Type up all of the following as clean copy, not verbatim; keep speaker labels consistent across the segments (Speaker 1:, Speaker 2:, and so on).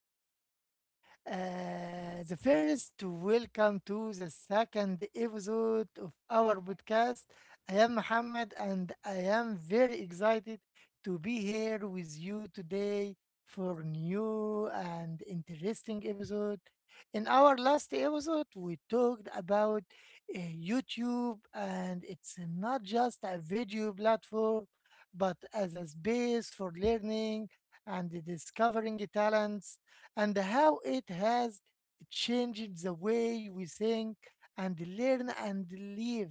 Speaker 1: Welcome to the second episode of our podcast. I am Muhammad and I am very excited to be here with you today for new and interesting episode. In our last episode, we talked about YouTube and it's not just a video platform, but as a space for learning and discovering talents and how it has changed the way we think and learn and live.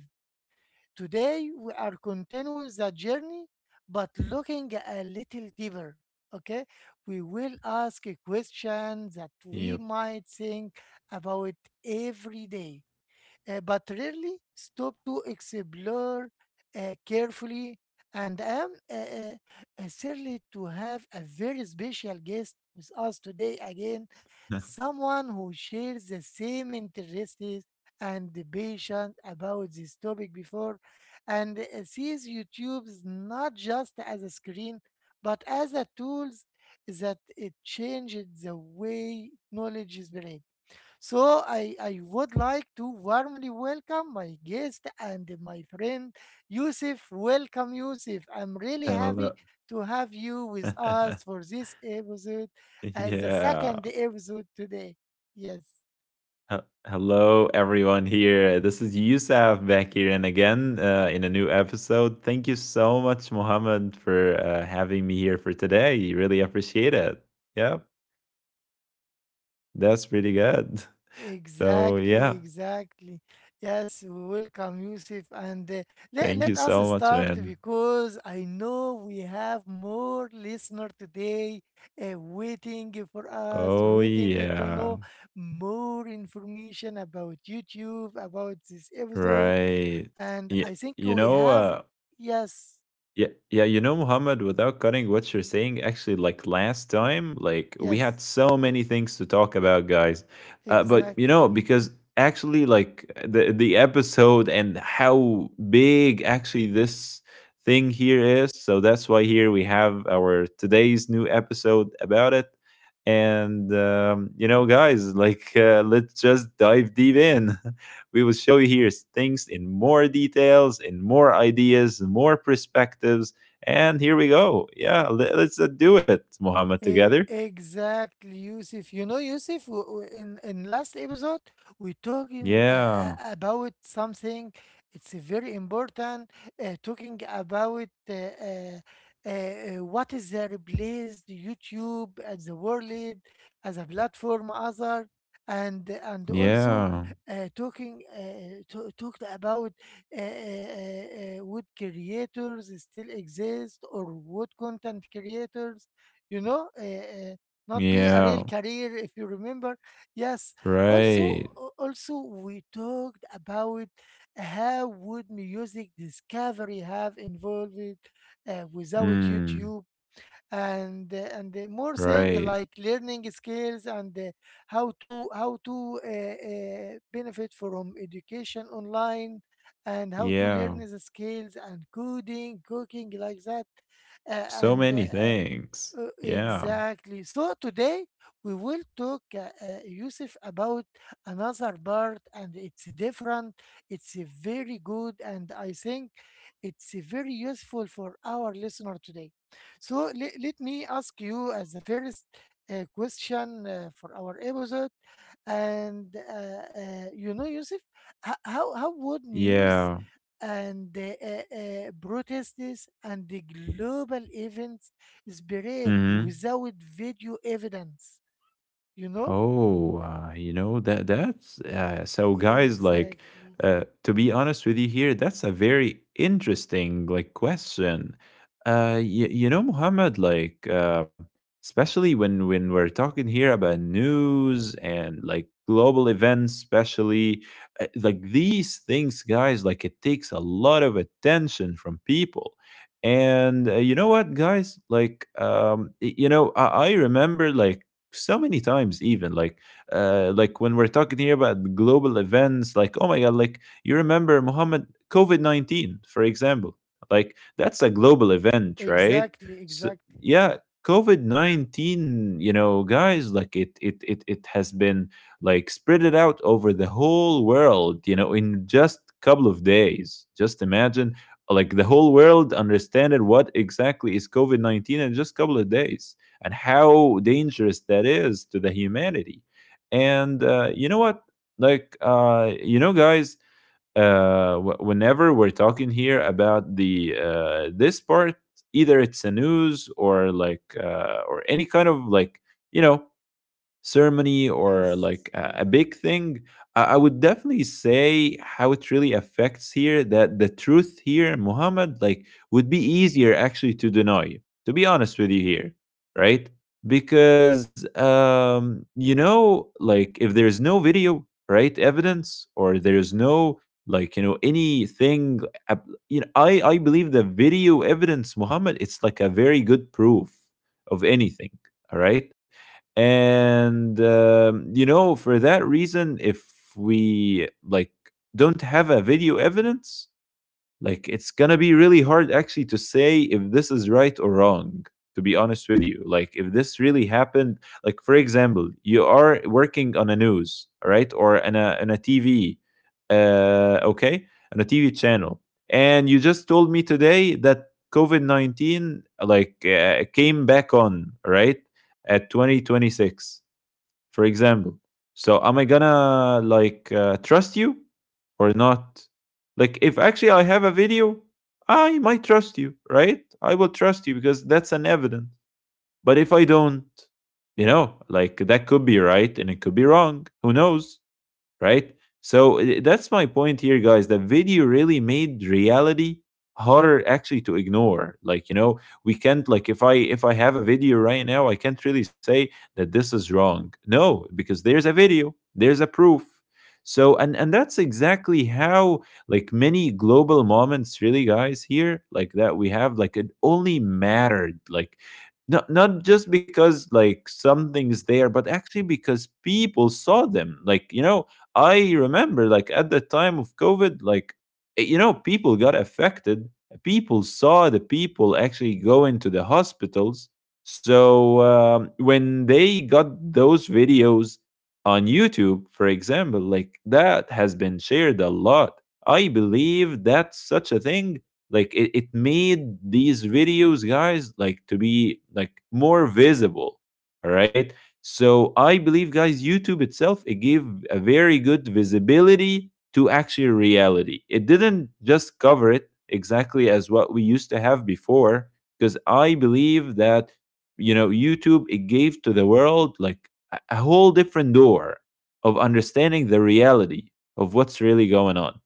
Speaker 1: Today, we are continuing the journey, but looking a little deeper. Okay, we will ask a
Speaker 2: Yep.
Speaker 1: question that we might think about every day but rarely stop to explore carefully. And I'm thrilled to have a very special guest with us today again, someone who shares the same interests and the passion about this topic before and sees YouTube's not just as a screen but as a tools that it changed the way knowledge is spread. So I would like to warmly welcome my guest and my friend Yusuf. Welcome, Yusuf. I'm really
Speaker 2: Hello.
Speaker 1: happy to have you with us for this episode as the
Speaker 2: Yeah.
Speaker 1: second episode today. Yes.
Speaker 2: He- Hello, everyone here. This is Yusuf back here, and again in a new episode. Thank you so much, Mohammed, for having me here for today. Really appreciate it. Yep, that's pretty good. So
Speaker 1: Exactly,
Speaker 2: yeah,
Speaker 1: exactly. Yes, welcome, Yusuf. And let,
Speaker 2: thank you
Speaker 1: let us
Speaker 2: so much,
Speaker 1: start
Speaker 2: man.
Speaker 1: because I know we have more listener today waiting for us,
Speaker 2: Oh
Speaker 1: waiting to
Speaker 2: yeah,
Speaker 1: know more information about YouTube, about this episode.
Speaker 2: right.
Speaker 1: And
Speaker 2: Yeah,
Speaker 1: I think
Speaker 2: you
Speaker 1: we
Speaker 2: know,
Speaker 1: have,
Speaker 2: uh,
Speaker 1: yes,
Speaker 2: Yeah, yeah, you know, Muhammad, without cutting what you're saying, actually, like last time, like we had
Speaker 1: yes,
Speaker 2: so many things to talk about, guys. But you know,
Speaker 1: exactly.
Speaker 2: because actually, like the episode and how big actually this thing here is, so that's why here we have our today's new episode about it. And you know, guys, like let's just dive deep in. We will show you here things in more details, in more ideas, more perspectives. And here we go. Yeah, let's do it, Muhammad,
Speaker 1: E-
Speaker 2: together.
Speaker 1: Exactly, Yusuf. You know, Yusuf, in last episode, we talking
Speaker 2: Yeah,
Speaker 1: about something. It's very important. Talking about what is the replaced YouTube as the world as a platform, other, and also
Speaker 2: yeah,
Speaker 1: talking talked about would creators still exist or would content creators you know, uh, uh, not be a
Speaker 2: yeah.
Speaker 1: real career if you remember. Yes. Also,
Speaker 2: Right.
Speaker 1: also we talked about how would music discovery have involved without
Speaker 2: Mm,
Speaker 1: YouTube and more thing
Speaker 2: right.
Speaker 1: like learning skills and how to benefit from education online and how to learn
Speaker 2: Yeah.
Speaker 1: the skills and coding, cooking like that
Speaker 2: So
Speaker 1: and
Speaker 2: many things. Yeah.
Speaker 1: exactly. So today we will talk, Yusuf, about another part, and it's different. It's a very good, and I think it's a very useful for our listener today. So let me ask you as the first question for our episode, and you know, Yusuf, how would news
Speaker 2: Yeah.
Speaker 1: and protests and the global events spirit
Speaker 2: Hmm.
Speaker 1: without video evidence, you know?
Speaker 2: Oh, you know that's so guys like
Speaker 1: Exactly.
Speaker 2: to be honest with you here, that's a very interesting like question. Y You know, Muhammad, like especially when we're talking here about news and like global events, especially like these things, guys, like it takes a lot of attention from people. And you know what, guys? Like, you know, I remember like so many times even like when we're talking here about global events, like oh my god, like you remember Muhammad COVID-19 for example, like that's a global event, right?
Speaker 1: Exactly.
Speaker 2: So
Speaker 1: Exactly.
Speaker 2: yeah, COVID-19, you know guys, like it has been like spread it out over the whole world, you know, in just couple of days. Just imagine like the whole world understanded what exactly is COVID-19 in just couple of days and how dangerous that is to the humanity. And you know what? Like, you know, guys, whenever we're talking here about the this part, either it's a news or like or any kind of like you know ceremony or
Speaker 1: Yes.
Speaker 2: like a big thing, I would definitely say how it really affects here that the truth here, Muhammad, like would be easier actually to deny, to be honest with you here, right? Because, you know, like if there's no video, right, evidence, or there's no like you know anything you know I believe the video evidence, Muhammad, it's like a very good proof of anything. Alright, and you know, for that reason, if we like don't have a video evidence, like it's gonna be really hard actually to say if this is right or wrong, to be honest with you. Like if this really happened, like for example, you are working on a news, right? Or on a TV, okay, on a TV channel. And you just told me today that COVID 19 like came back on, right? At 2026 for example. So am I gonna like trust you or not? Like if actually I have a video, I might trust you, right? I will trust you because that's an evidence. But if I don't, you know, like that could be right and it could be wrong. Who knows? Right? That's my point here, guys. That video really made reality harder actually to ignore. Like, you know, we can't, like, if I have a video right now, I can't really say that this is wrong. No, because there's a video, there's a proof. So and that's exactly how, like, many global moments really, guys here, like that we have, like it only mattered like not just because like something is there, but actually because people saw them, like, you know, I remember, like, at the time of COVID, like, you know, people got affected. People saw the people actually go into the hospitals. So when they got those videos on YouTube, for example, like, that has been shared a lot. I believe that's such a thing. Like it made these videos, guys, like to be like more visible. All right. So I believe, guys, YouTube itself, it gave a very good visibility to actual reality. It didn't just cover it exactly as what we used to have before, because I believe that you know YouTube it gave to the world like a whole different door of understanding the reality of what's really going on,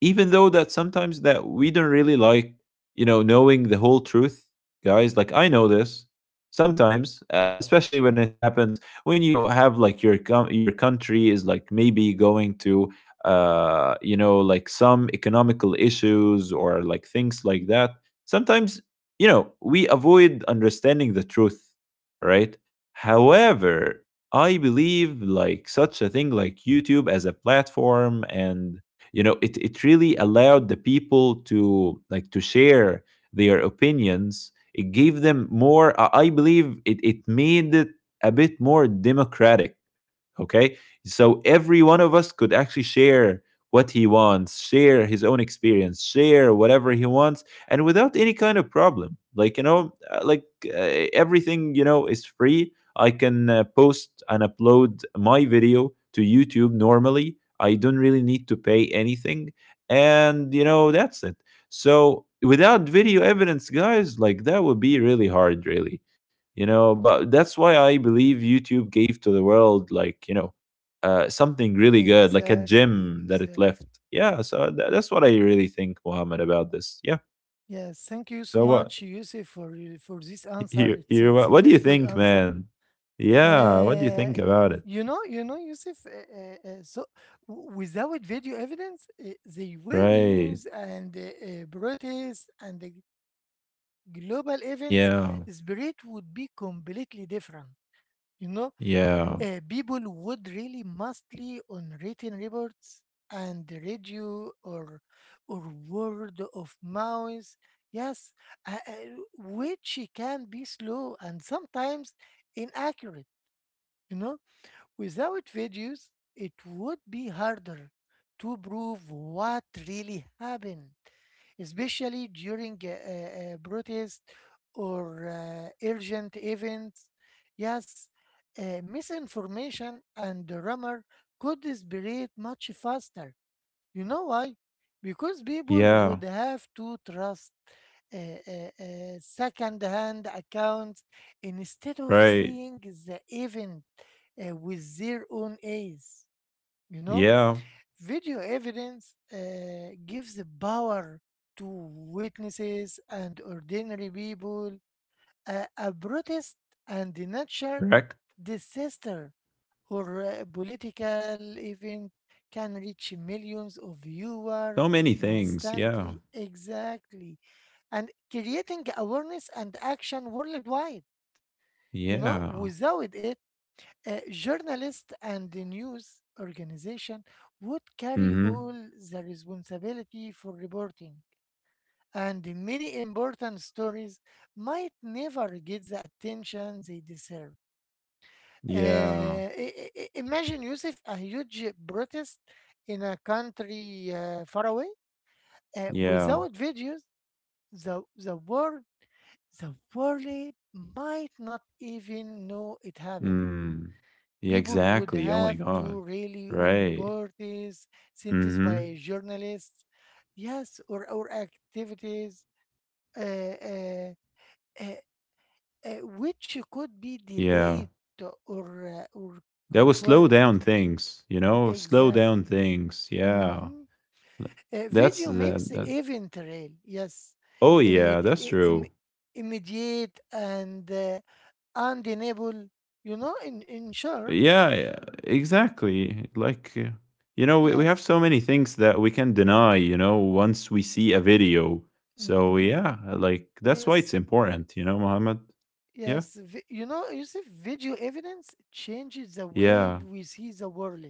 Speaker 2: even though that sometimes that we don't really like you know knowing the whole truth, guys, like I know this. Sometimes especially when it happens, when you have like your country is like maybe going to you know like some economical issues or like things like that. Sometimes you know we avoid understanding the truth, right? However, I believe like such a thing like YouTube as a platform, and you know it really allowed the people to like to share their opinions. It gave them more I believe it made it a bit more democratic, okay? So every one of us could actually share what he wants, share his own experience, share whatever he wants, and without any kind of problem, like you know, uh, like uh, everything you know is free. I can post and upload my video to YouTube normally. I don't really need to pay anything. And, you know, that's it. So, without video evidence, guys, like that would be really hard, really. You know, but that's why I believe YouTube gave to the world, like, you know, something really good, like a
Speaker 1: Exactly.
Speaker 2: gem that it
Speaker 1: Exactly.
Speaker 2: left. Yeah, so that's what I really think, Mohammed, about this. Yeah.
Speaker 1: Yes. Thank you so
Speaker 2: So what?
Speaker 1: much, Yusuf, for for this answer.
Speaker 2: You,
Speaker 1: It's a
Speaker 2: what do you
Speaker 1: very good
Speaker 2: think,
Speaker 1: answer.
Speaker 2: man? Yeah, what do you
Speaker 1: Uh,
Speaker 2: think
Speaker 1: y-
Speaker 2: about it?
Speaker 1: you know, you know, Yusuf. So without video evidence, the way
Speaker 2: Right.
Speaker 1: news and protests and the global events,
Speaker 2: Yeah.
Speaker 1: spirit would be completely different. You know,
Speaker 2: Yeah.
Speaker 1: People would really mostly on written reports and the radio or word of mouth. Yes, which can be slow and sometimes inaccurate. You know, without videos, it would be harder to prove what really happened, especially during a protest or urgent events. Yes, misinformation and rumor could spread much faster, you know why? Because people would
Speaker 2: Yeah.
Speaker 1: have to trust second-hand accounts instead of
Speaker 2: Right.
Speaker 1: seeing the event with their own eyes. You know,
Speaker 2: Yeah.
Speaker 1: video evidence gives the power to witnesses and ordinary people. A protest and the natural
Speaker 2: Correct.
Speaker 1: disaster or a political event can reach millions of viewers
Speaker 2: So many things. Yeah.
Speaker 1: instantly. Exactly. And creating awareness and action worldwide. You know,
Speaker 2: Yeah.
Speaker 1: without it, journalists and the news organization would carry
Speaker 2: Mm-hmm.
Speaker 1: all the responsibility for reporting. And the many important stories might never get the attention they deserve.
Speaker 2: Yeah.
Speaker 1: Imagine Yusuf, a huge protest in a country far away.
Speaker 2: Yeah.
Speaker 1: Without videos, the the world the world might not even know it happened.
Speaker 2: Mm. Yeah,
Speaker 1: People would
Speaker 2: exactly. Oh my
Speaker 1: have to
Speaker 2: God.
Speaker 1: rely on
Speaker 2: Right.
Speaker 1: reports sent by
Speaker 2: Mm-hmm.
Speaker 1: journalists, yes, or activities, uh, uh, uh, which could be
Speaker 2: Yeah.
Speaker 1: delayed or
Speaker 2: That will slow
Speaker 1: consorted.
Speaker 2: down things, you know? Slow down
Speaker 1: Exactly.
Speaker 2: things. Yeah.
Speaker 1: Mhm.
Speaker 2: L-. That's
Speaker 1: Video makes
Speaker 2: that.
Speaker 1: event real, yes,
Speaker 2: Oh yeah,
Speaker 1: Immedi-
Speaker 2: that's
Speaker 1: i- im-
Speaker 2: true.
Speaker 1: immediate and undeniable, you know, in short,
Speaker 2: Yeah, yeah, exactly. Like, you know, we have
Speaker 1: yes,
Speaker 2: so many things that we can deny, you know, once we see a video. So,
Speaker 1: hmm,
Speaker 2: yeah, like, that's why it's
Speaker 1: yes,
Speaker 2: important, you know, Mohammed? Yeah.
Speaker 1: yes. You know, you see, video evidence changes the
Speaker 2: Yeah.
Speaker 1: way we see the world.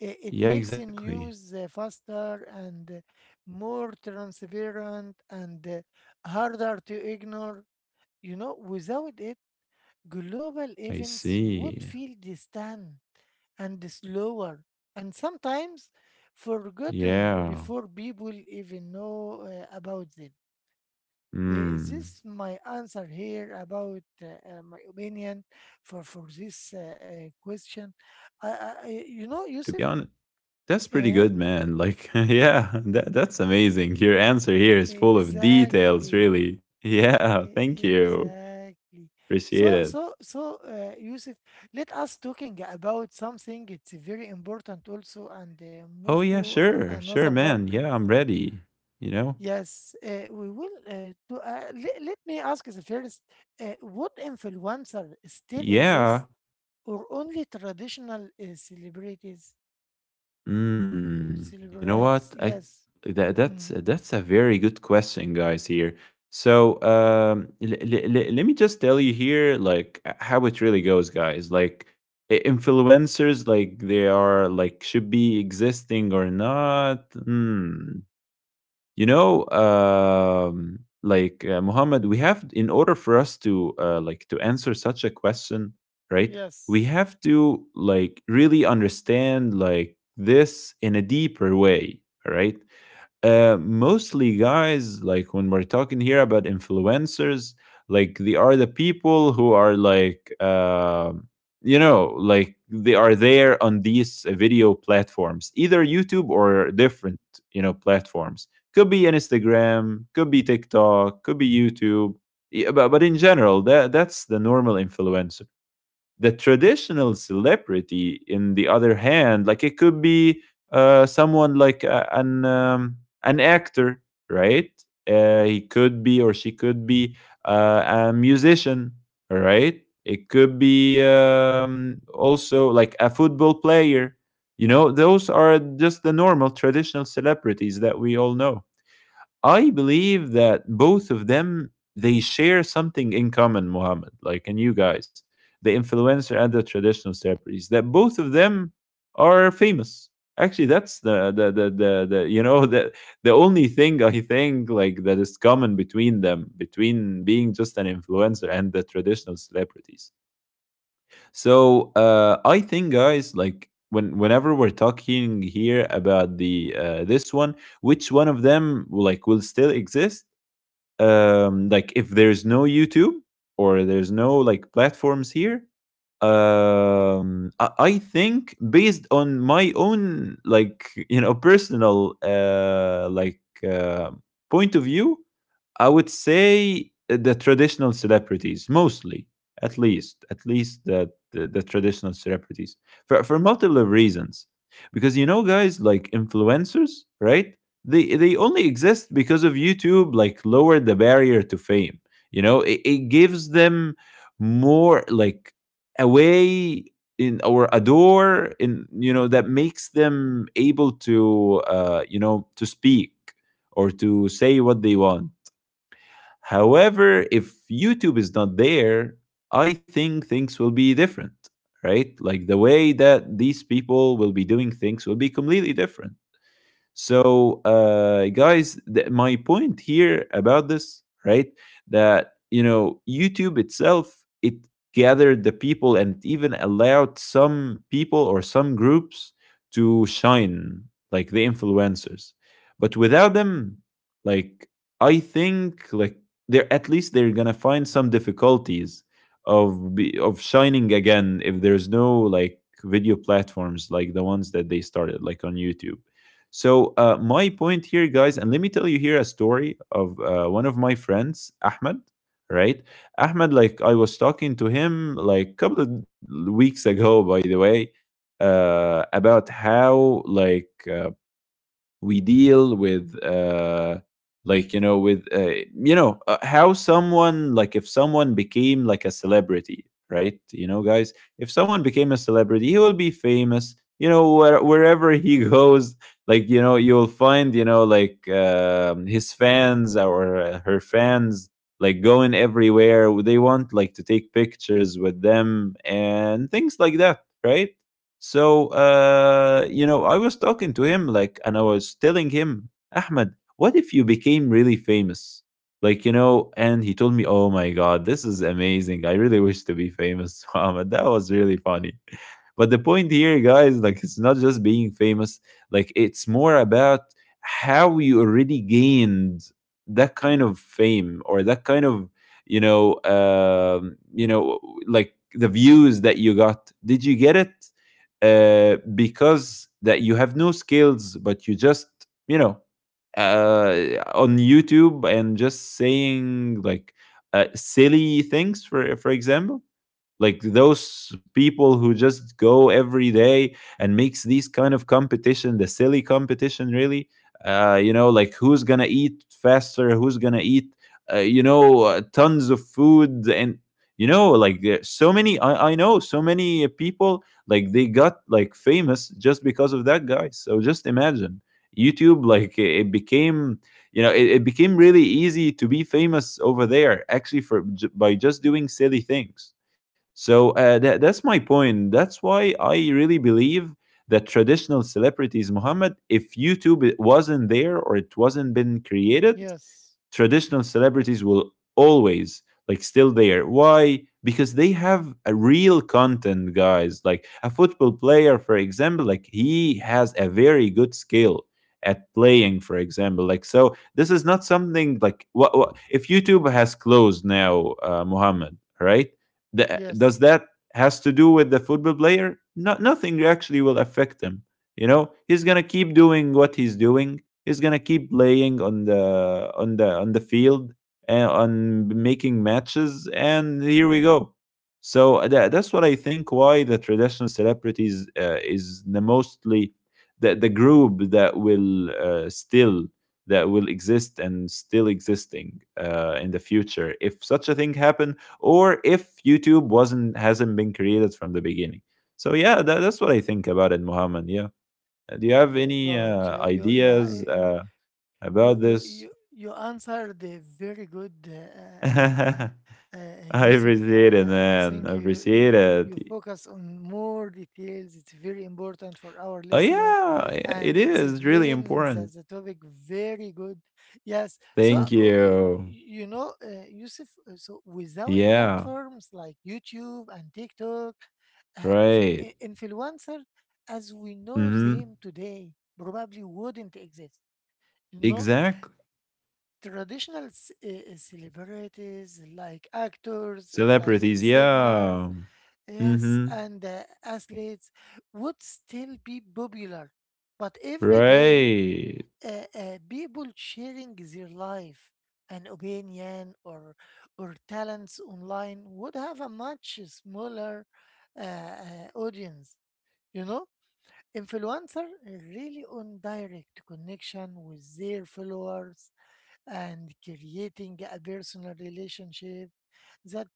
Speaker 1: I- It
Speaker 2: Yeah,
Speaker 1: makes the
Speaker 2: exactly.
Speaker 1: news faster and more transparent and harder to ignore. You know, without it, global
Speaker 2: I
Speaker 1: events would
Speaker 2: see.
Speaker 1: feel distant and slower and sometimes forgotten
Speaker 2: Yeah.
Speaker 1: before people even know about them. Uh,
Speaker 2: Mm.
Speaker 1: this my answer here about my opinion for this question? You know,
Speaker 2: To
Speaker 1: Yusuf?
Speaker 2: be honest, that's pretty
Speaker 1: Uh,
Speaker 2: good, man. Like, yeah, that's amazing. Your answer here is full of details,
Speaker 1: exactly.
Speaker 2: really. Yeah,
Speaker 1: E-
Speaker 2: thank you.
Speaker 1: Exactly.
Speaker 2: Appreciate
Speaker 1: So,
Speaker 2: it.
Speaker 1: so, so, uh, Yusuf, let us talking about something. It's very important also, and
Speaker 2: Oh
Speaker 1: move
Speaker 2: yeah,
Speaker 1: to
Speaker 2: sure. Sure,
Speaker 1: another part.
Speaker 2: man. Yeah, I'm ready. You know?
Speaker 1: Yes, we will. Let me ask the first: would influencer still
Speaker 2: Yeah.
Speaker 1: exist, or only traditional celebrities?
Speaker 2: Mm, you know
Speaker 1: Celebrities?
Speaker 2: what? I
Speaker 1: Yes.
Speaker 2: that
Speaker 1: Mm-hmm.
Speaker 2: that's a very good question, guys, here. So, let me just tell you here, like, how it really goes, guys. Like influencers, like they are like should be existing or not. Hmm. You know like Muhammad, we have, in order for us to like to answer such a question, right,
Speaker 1: Yes.
Speaker 2: we have to like really understand like this in a deeper way, all right? Mostly guys, like when we're talking here about influencers, like they are the people who are like, you know, like they are there on these video platforms, either YouTube or different, you know, platforms. Could be Instagram, could be TikTok, could be YouTube. Yeah, but in general, that's the normal influencer. The traditional celebrity in the other hand, like it could be someone like an actor, right? He could be or she could be uh, a musician, right? It could be also like a football player. You know, those are just the normal traditional celebrities that we all know. I believe that both of them, they share something in common, Mohammed, like, and you guys, the influencer and the traditional celebrities, that both of them are famous. Actually, that's the you know the only thing I think like that is common between them, between being just an influencer and the traditional celebrities. So I think, guys, like whenever we're talking here about the this one, which one of them like will still exist, like if there's no YouTube or there's no like platforms here, I think based on my own like you know personal uh, point of view, I would say the traditional celebrities mostly, at least the traditional celebrities, for multiple reasons. Because you know, guys, like influencers, right? They only exist because of YouTube. Like lowered the barrier to fame. You know, it gives them more like a way in or a door in, you know, that makes them able to you know to speak or to say what they want. However, if YouTube is not there, I think things will be different, right? Like the way that these people will be doing things will be completely different. So, guys, my point here about this, right, that you know, YouTube itself, it gathered the people and it even allowed some people or some groups to shine, like the influencers. But without them, like I think they're at least they're gonna find some difficulties of shining again if there's no like video platforms like the ones that they started like on YouTube. So my point here, guys, and let me tell you here a story of one of my friends, Ahmed. Right, Ahmed. Like I was talking to him like a couple of weeks ago, by the way, about how like we deal with like you know with you know how someone, like if someone became like a celebrity, right, you know, guys, if someone became a celebrity, he will be famous, you know, wherever he goes. Like, you know, you'll find, you know, like his fans or her fans like going everywhere they want like to take pictures with them and things like that, right. So, you know, I was talking to him, like, and I was telling him, Ahmed, what if you became really famous? Like, you know. And he told me, oh my God, this is amazing. I really wish to be famous, Ahmed. That was really funny. But the point here, guys, like it's not just being famous, like it's more about how you already gained that kind of fame or that kind of you know um you know like the views that you got. Did you get it because that you have no skills, but you just, you know, uh on YouTube, and just saying like silly things, for example, like those people who just go every day and makes these kind of competition, the silly competition really. You know, like, who's gonna eat faster, who's gonna eat tons of food? And you know, like, so many, I know so many people, like they got like famous just because of that, guy so just imagine YouTube, like it became, you know, it became really easy to be famous over there actually for by just doing silly things. So that's my point. That's why I really believe that traditional celebrities, Muhammad, if YouTube wasn't there or it wasn't been created,
Speaker 1: Yes.
Speaker 2: traditional celebrities will always like still there. Why? Because they have a real content, guys. Like a football player, for example, like he has a very good skill at playing, for example. Like, so this is not something like what if YouTube has closed now, Muhammad, right? Does
Speaker 1: Yes.
Speaker 2: that has to do with the football player? Not nothing actually will affect him. You know, he's gonna keep doing what he's doing, is gonna keep playing on the field and on making matches. And here we go. So that's what I think. Why the traditional celebrities is the mostly the group that will still, that will exist and still existing in the future if such a thing happened or if YouTube wasn't hasn't been created from the beginning. So yeah, that's what I think about it, Muhammad. Yeah. Do you
Speaker 1: Oh
Speaker 2: have
Speaker 1: my
Speaker 2: any
Speaker 1: God! You, you,
Speaker 2: ideas
Speaker 1: you.
Speaker 2: uh,
Speaker 1: You
Speaker 2: about
Speaker 1: you you
Speaker 2: this?
Speaker 1: you answered very good,
Speaker 2: I
Speaker 1: Yusuf. I,
Speaker 2: appreciate it,
Speaker 1: I I
Speaker 2: man. I
Speaker 1: think you you
Speaker 2: appreciate
Speaker 1: you
Speaker 2: it.
Speaker 1: you focus on more details. It's very important for our
Speaker 2: Oh,
Speaker 1: listener,
Speaker 2: yeah, yeah,
Speaker 1: and
Speaker 2: it is really
Speaker 1: explain
Speaker 2: important.
Speaker 1: the topic very good. Yes. So
Speaker 2: Thank you.
Speaker 1: you know, Yusuf. So without
Speaker 2: Yeah,
Speaker 1: platforms like YouTube and TikTok, uh, fi-
Speaker 2: right.
Speaker 1: i- influencer as we know
Speaker 2: Mm-hmm.
Speaker 1: them today probably wouldn't exist. You know,
Speaker 2: Exactly.
Speaker 1: traditional celebrities like actors, like
Speaker 2: Celebrities,
Speaker 1: singer,
Speaker 2: yeah.
Speaker 1: yes,
Speaker 2: Mm-hmm.
Speaker 1: and athletes would still be popular. But every day,
Speaker 2: Right.
Speaker 1: people sharing their life, an opinion, or talents online would have a much smaller uh, audience. You know, influencer really on direct connection with their followers and creating a personal relationship that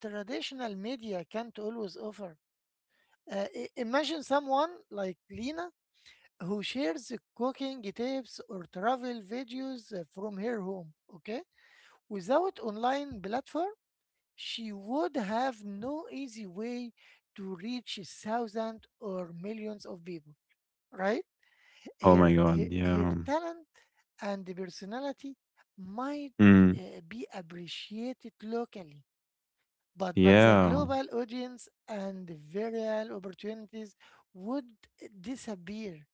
Speaker 1: traditional media can't always offer. Imagine someone like Lena who shares cooking tips or travel videos from her home, okay? Without online platform, she would have no easy way to reach thousands or millions of people, right?
Speaker 2: Oh my
Speaker 1: Her,
Speaker 2: God,
Speaker 1: her, her
Speaker 2: yeah.
Speaker 1: talent and the personality might
Speaker 2: Mm,
Speaker 1: uh, be appreciated locally, but the
Speaker 2: yeah.
Speaker 1: global audience and the viral opportunities would disappear.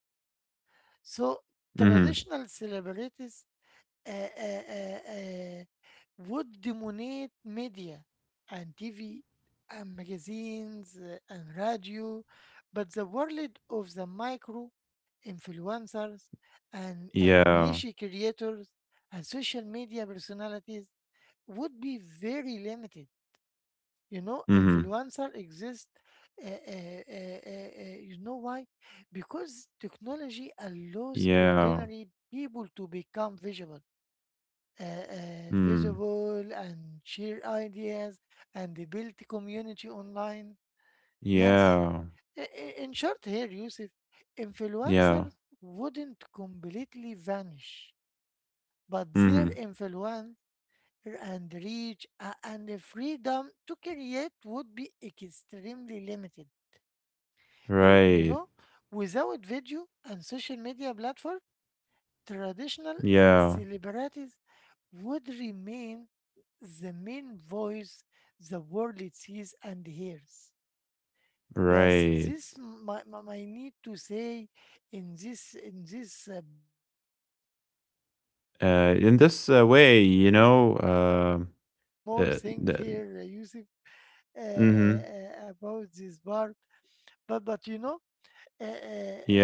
Speaker 1: So
Speaker 2: Mm-hmm.
Speaker 1: traditional celebrities uh, uh, uh, uh, would dominate media and TV and magazines and radio, but the world of the micro influencers and
Speaker 2: Yeah.
Speaker 1: niche creators and social media personalities would be very limited. You know,
Speaker 2: Mm-hmm.
Speaker 1: influencer exist. You know why? Because technology allows
Speaker 2: Yeah.
Speaker 1: ordinary people to become
Speaker 2: Mm.
Speaker 1: visible and share ideas and build a community online. Yes.
Speaker 2: Yeah.
Speaker 1: In short, here, Yusuf,
Speaker 2: Yeah.
Speaker 1: influencers wouldn't completely vanish, but their
Speaker 2: Mm-hmm.
Speaker 1: influence and reach and the freedom to create would be extremely limited. You
Speaker 2: Right.
Speaker 1: know, without video and social media platform, traditional
Speaker 2: Yeah.
Speaker 1: celebrities would remain the main voice the world sees and hears. Yes,
Speaker 2: Right.
Speaker 1: this my, my, my need to say in this part, and I think it's
Speaker 2: In
Speaker 1: very
Speaker 2: this way,
Speaker 1: important.
Speaker 2: you know.
Speaker 1: I think you covered more
Speaker 2: Uh,
Speaker 1: thing
Speaker 2: the,
Speaker 1: here, Yusuf,
Speaker 2: mm-hmm.
Speaker 1: about this part. But you know, uh, uh,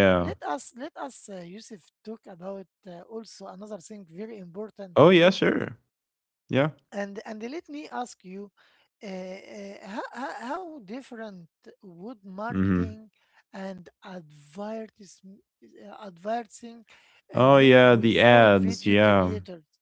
Speaker 1: uh, let us Yusuf talk about also another thing very important for
Speaker 2: Oh yeah.
Speaker 1: this.
Speaker 2: Sure. Yeah.
Speaker 1: And let me ask you, how, how different would
Speaker 2: Mm-hmm.
Speaker 1: marketing and advertising
Speaker 2: Oh
Speaker 1: look
Speaker 2: yeah. The
Speaker 1: without
Speaker 2: ads.
Speaker 1: video
Speaker 2: Yeah.
Speaker 1: creators?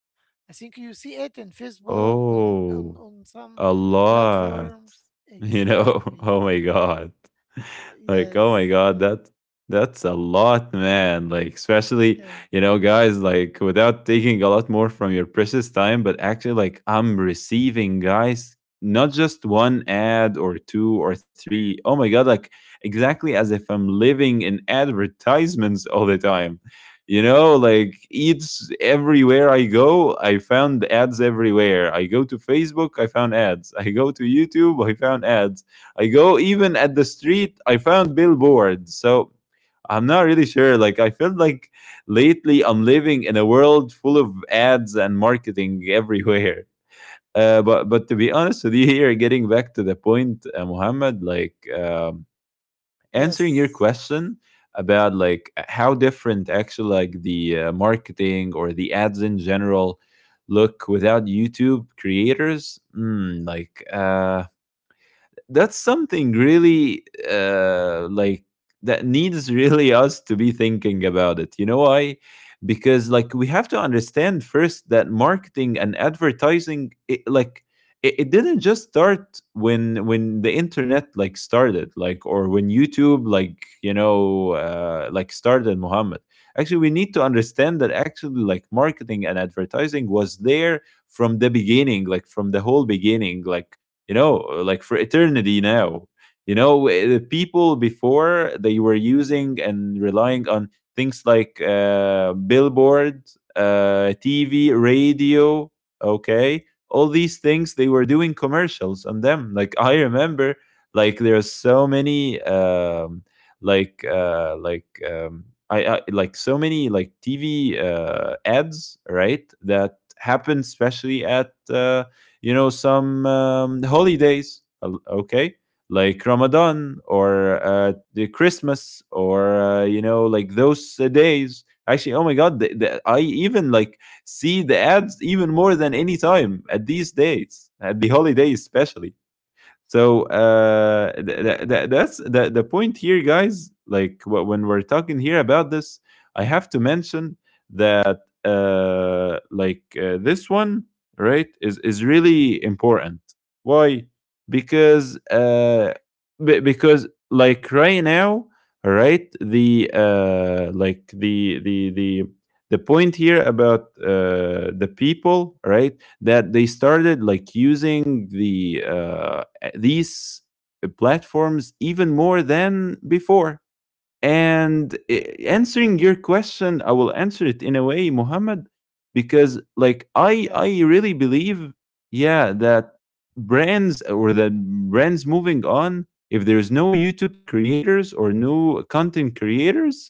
Speaker 1: I think you see it in Facebook
Speaker 2: Oh.
Speaker 1: on
Speaker 2: A
Speaker 1: some
Speaker 2: lot.
Speaker 1: platforms.
Speaker 2: You know? Oh
Speaker 1: Exactly.
Speaker 2: my god. Like, oh my
Speaker 1: Yes.
Speaker 2: god, that's a lot, man. Like, especially,
Speaker 1: Yes.
Speaker 2: you know, guys, like without taking a lot more from your precious time, but actually like I'm receiving, guys, not just one ad or two or three. Oh my god, like exactly as if I'm living in advertisements all the time. You know, like, it's everywhere I go. I found ads everywhere. I go to Facebook, I found ads. I go to YouTube, I found ads. I go even at the street, I found billboards. So I'm not really sure, like, I felt like lately I'm living in a world full of ads and marketing everywhere. But to be honest with you, here, getting back to the point, Muhammad, like answering your
Speaker 1: Yes.
Speaker 2: question about like how different actually like the marketing or the ads in general look without YouTube creators. Mm, like, that's something really, like, that needs really us to be thinking about it. You know why? Because like we have to understand first that marketing and advertising, like it didn't just start when the internet like started, like, or when YouTube like, you know, like started, Muhammad. Actually, we need to understand that actually like marketing and advertising was there from the beginning, like from the whole beginning, like, you know, like for eternity now. You know, the people before they were using and relying on things like billboard, TV, radio, okay, all these things they were doing commercials on them. Like I remember, like there are so many, like I like so many like TV ads, right? That happened especially at you know, some holidays, okay, like Ramadan or the Christmas or you know like those days. Actually, oh my god, I even like see the ads even more than any time at these dates, at the holidays especially. So that's the point here, guys. Like when we're talking here about this, I have to mention that this one, right, is really important. Why? Because because like right now, right, the the point here about the people, right, that they started like using the these platforms even more than before. And answering your question, I will answer it in a way, Muhammad, because like I
Speaker 1: Yes.
Speaker 2: I
Speaker 1: Yusuf.
Speaker 2: really believe, yeah, that brands moving on, if there's no YouTube creators or no content creators,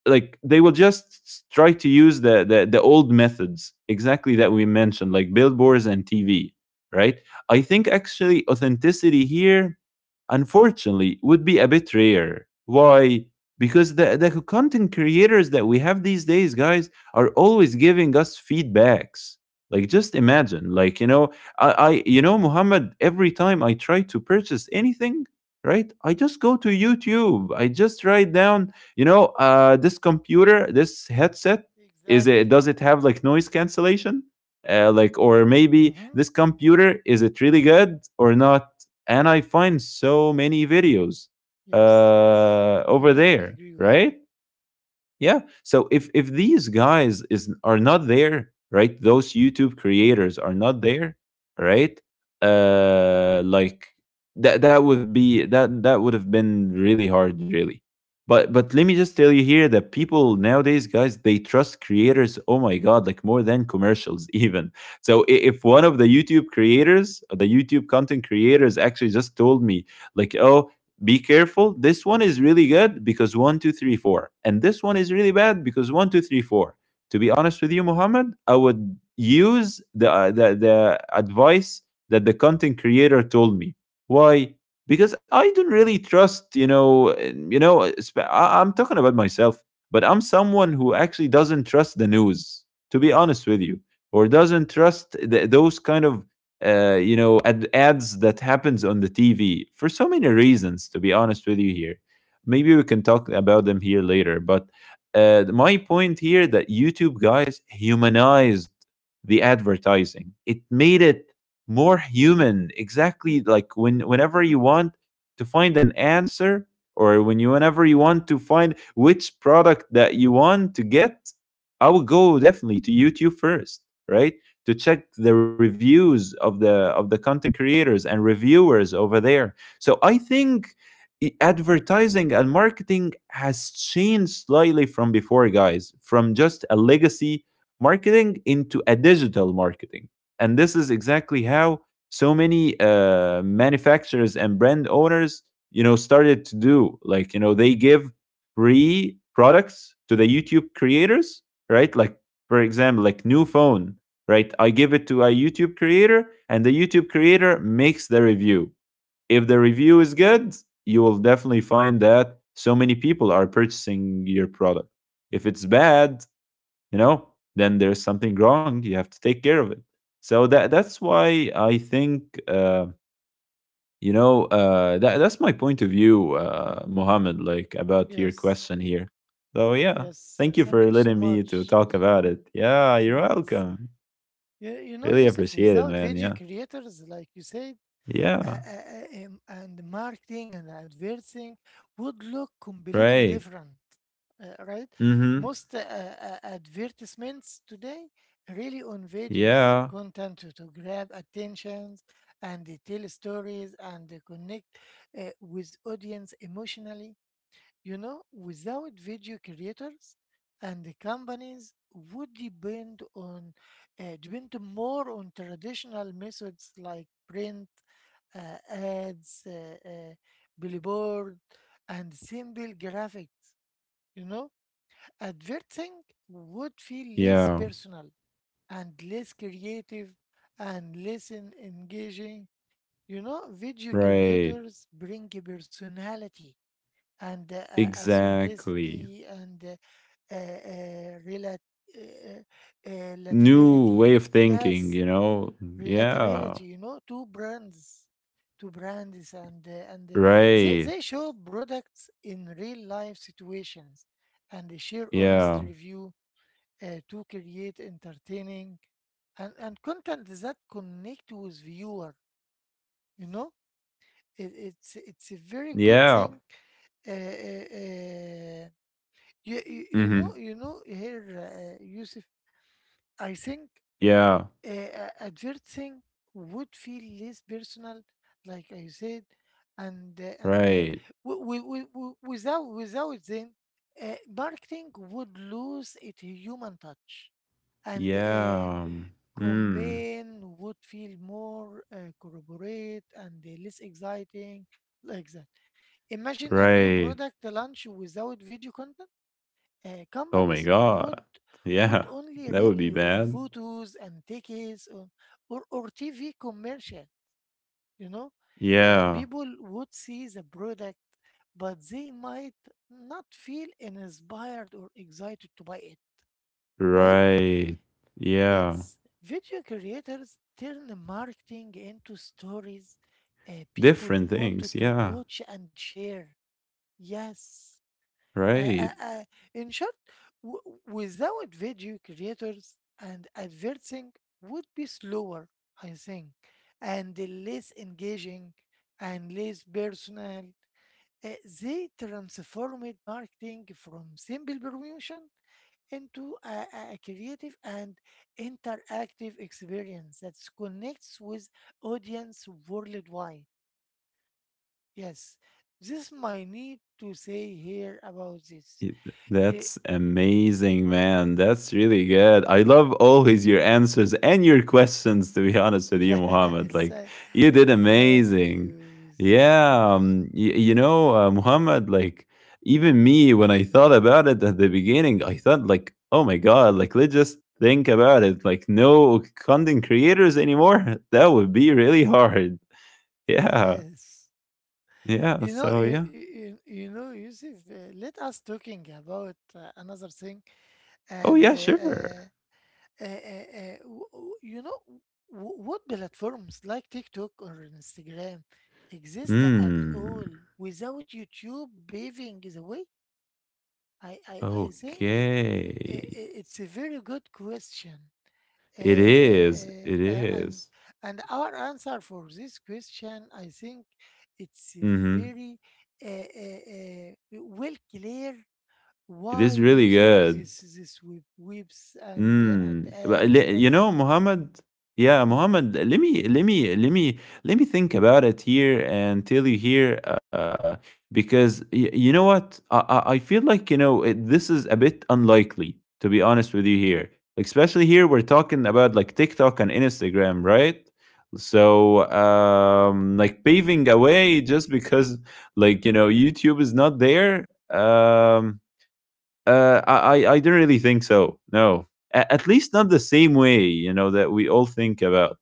Speaker 2: like they will just try to use the, the old methods exactly that we mentioned, like billboards and TV, right. I think actually authenticity here unfortunately would be a bit rare. Why? Because the content creators that we have these days, guys, are always giving us feedbacks. Like just imagine, like, you know, I you know, Muhammad, every time I try to purchase anything, right, I just go to YouTube, I just write down, you know, this computer, this headset, is it does
Speaker 1: Exactly.
Speaker 2: it have like noise cancellation? Like, or maybe
Speaker 1: Mm-hmm.
Speaker 2: this computer, is it really good or not? And I find so many videos
Speaker 1: Yes. Yes.
Speaker 2: over
Speaker 1: I totally
Speaker 2: there,
Speaker 1: agree with
Speaker 2: right?
Speaker 1: you.
Speaker 2: Yeah. So if these guys is are not there, right? Those YouTube creators are not there, right? Uh like that would have been really hard really. But let me just tell you here that people nowadays, guys, they trust creators, oh my god, like more than commercials even. So if one of the YouTube creators, the YouTube content creators, actually just told me like, oh, be careful. This one is really good because one, two, three, four. And this one is really bad because one, two, three, four. To be honest with you, Muhammad, I would use the advice that the content creator told me. Why? Because I don't really trust, you know, I'm talking about myself, but I'm someone who actually doesn't trust the news, to be honest with you, or doesn't trust those kind of you know, ads that happens on the TV for so many reasons. To be honest with you here, maybe we can talk about them here later. But my point here that YouTube, guys, humanized the advertising. It made it more human. Exactly like when whenever you want to find an answer, or when you whenever you want to find which product that you want to get, I would go definitely to YouTube first, right? To check the reviews of the content creators and reviewers over there. So I think advertising and marketing has changed slightly from before, guys, from just a legacy marketing into a digital marketing. And this is exactly how so many manufacturers and brand owners, you know, started to do, like, you know, they give free products to the YouTube creators, right? Like for example, like new phone, right? I give it to a YouTube creator, and the YouTube creator makes the review. If the review is good, you will definitely find that so many people are purchasing your product. If it's bad, you know, then there's something wrong. You have to take care of it. So that's why I think, you know, that's my point of view, Mohammed, like about your
Speaker 1: Yes.
Speaker 2: question here. So yeah,
Speaker 1: Yes,
Speaker 2: thank you
Speaker 1: thank
Speaker 2: for
Speaker 1: you so
Speaker 2: letting me to
Speaker 1: much.
Speaker 2: talk about it. Yeah, you're
Speaker 1: Yes.
Speaker 2: welcome.
Speaker 1: Yeah, you know,
Speaker 2: Really
Speaker 1: Yusuf,
Speaker 2: appreciate it,
Speaker 1: without
Speaker 2: man.
Speaker 1: video
Speaker 2: Yeah.
Speaker 1: creators, like you said,
Speaker 2: Yeah.
Speaker 1: and marketing and advertising would look completely
Speaker 2: Right.
Speaker 1: different, right?
Speaker 2: Mm-hmm.
Speaker 1: Most advertisements today really on videos,
Speaker 2: Yeah.
Speaker 1: content to grab attentions and they tell stories and they connect with audience emotionally, you know, without video creators, and the companies would depend on depend more on traditional methods like print, ads, billboard, and simple graphics. You know, advertising would feel less
Speaker 2: Yeah.
Speaker 1: personal and less creative and less engaging. You know, video
Speaker 2: Right.
Speaker 1: creators bring a personality and
Speaker 2: Exactly.
Speaker 1: authenticity and uh, uh, relat- uh, uh, uh,
Speaker 2: New way
Speaker 1: relatability.
Speaker 2: of thinking,
Speaker 1: Yes,
Speaker 2: you know? Yeah.
Speaker 1: relatability. You know, two brands, and
Speaker 2: Right.
Speaker 1: they show products in real life situations, and they share honest
Speaker 2: Yeah.
Speaker 1: review to create entertaining and content that connect with viewer. You know, it, it's a very good
Speaker 2: Yeah.
Speaker 1: thing uh, uh, uh, you, you,
Speaker 2: Mm-hmm.
Speaker 1: you know, here, Yusuf, I think
Speaker 2: Yeah.
Speaker 1: a third thing would feel less personal, like I said, and
Speaker 2: Right.
Speaker 1: w- w- w- w- without without them, marketing would lose its human touch, and
Speaker 2: Yeah. Mm.
Speaker 1: campaign would feel more corroborate and less exciting, like that. Imagine a new
Speaker 2: Right.
Speaker 1: product launch without video content
Speaker 2: Oh my
Speaker 1: companies
Speaker 2: god.
Speaker 1: would
Speaker 2: Yeah.
Speaker 1: only
Speaker 2: That would be
Speaker 1: rely on
Speaker 2: bad.
Speaker 1: photos and tickets or TV commercial, you know.
Speaker 2: Yeah.
Speaker 1: People would see the product, but they might not feel inspired or excited to buy it, right?
Speaker 2: Right. Yeah.
Speaker 1: Yes, video creators turn marketing into stories, people
Speaker 2: Different things.
Speaker 1: wanted to
Speaker 2: Yeah.
Speaker 1: watch and share. Yes. Uh, uh,
Speaker 2: Right.
Speaker 1: uh, in short, without video creators and advertising would be slower, I think, and less engaging and less personal. Uh, they transformed marketing from simple promotion into a creative and interactive experience that connects with audience worldwide. Yes, this my need to say here about
Speaker 2: It-
Speaker 1: this. Eh,
Speaker 2: That's amazing, man. That's really good. I love always your answers and your questions, to be honest with you, Muhammad.
Speaker 1: Yes.
Speaker 2: Like, you did
Speaker 1: Thank
Speaker 2: amazing.
Speaker 1: you, Yusuf. Thank
Speaker 2: Yeah.
Speaker 1: you so much.
Speaker 2: You know, Muhammad, like, even me, when I thought about it at the beginning, I thought, like, oh my God, like, let's just think about it. Like, no content creators anymore. That would be really hard. Yeah.
Speaker 1: Yes. You
Speaker 2: Yeah.
Speaker 1: know,
Speaker 2: So,
Speaker 1: you,
Speaker 2: yeah.
Speaker 1: you, you know, Yusuf, let us talking about another thing.
Speaker 2: Oh,
Speaker 1: And
Speaker 2: yeah, sure.
Speaker 1: w- w- you know, w- what platforms like TikTok or Instagram exist at
Speaker 2: Hmm.
Speaker 1: all without YouTube paving the way? I think I- i-
Speaker 2: Okay.
Speaker 1: It's a very good question. Uh,
Speaker 2: It
Speaker 1: uh,
Speaker 2: is. It
Speaker 1: uh, uh, and
Speaker 2: is.
Speaker 1: and our answer for this question, I think, it's a
Speaker 2: Mhm.
Speaker 1: very well clear
Speaker 2: It
Speaker 1: why
Speaker 2: is really
Speaker 1: using
Speaker 2: good.
Speaker 1: this web, webs and and
Speaker 2: Mm, but
Speaker 1: apps like
Speaker 2: you
Speaker 1: that.
Speaker 2: know, Muhammad, yeah,
Speaker 1: Mhm.
Speaker 2: Muhammad, let me think about it here and tell you here, because you know what, I feel like, you know it, this is a bit unlikely, to be honest with you here. Like, especially here we're talking about like TikTok and Instagram, right? So, like paving a way just because, like, you know, YouTube is not there. Uh, I, I don't really think so. No, at least not the same way. You know that we all think about.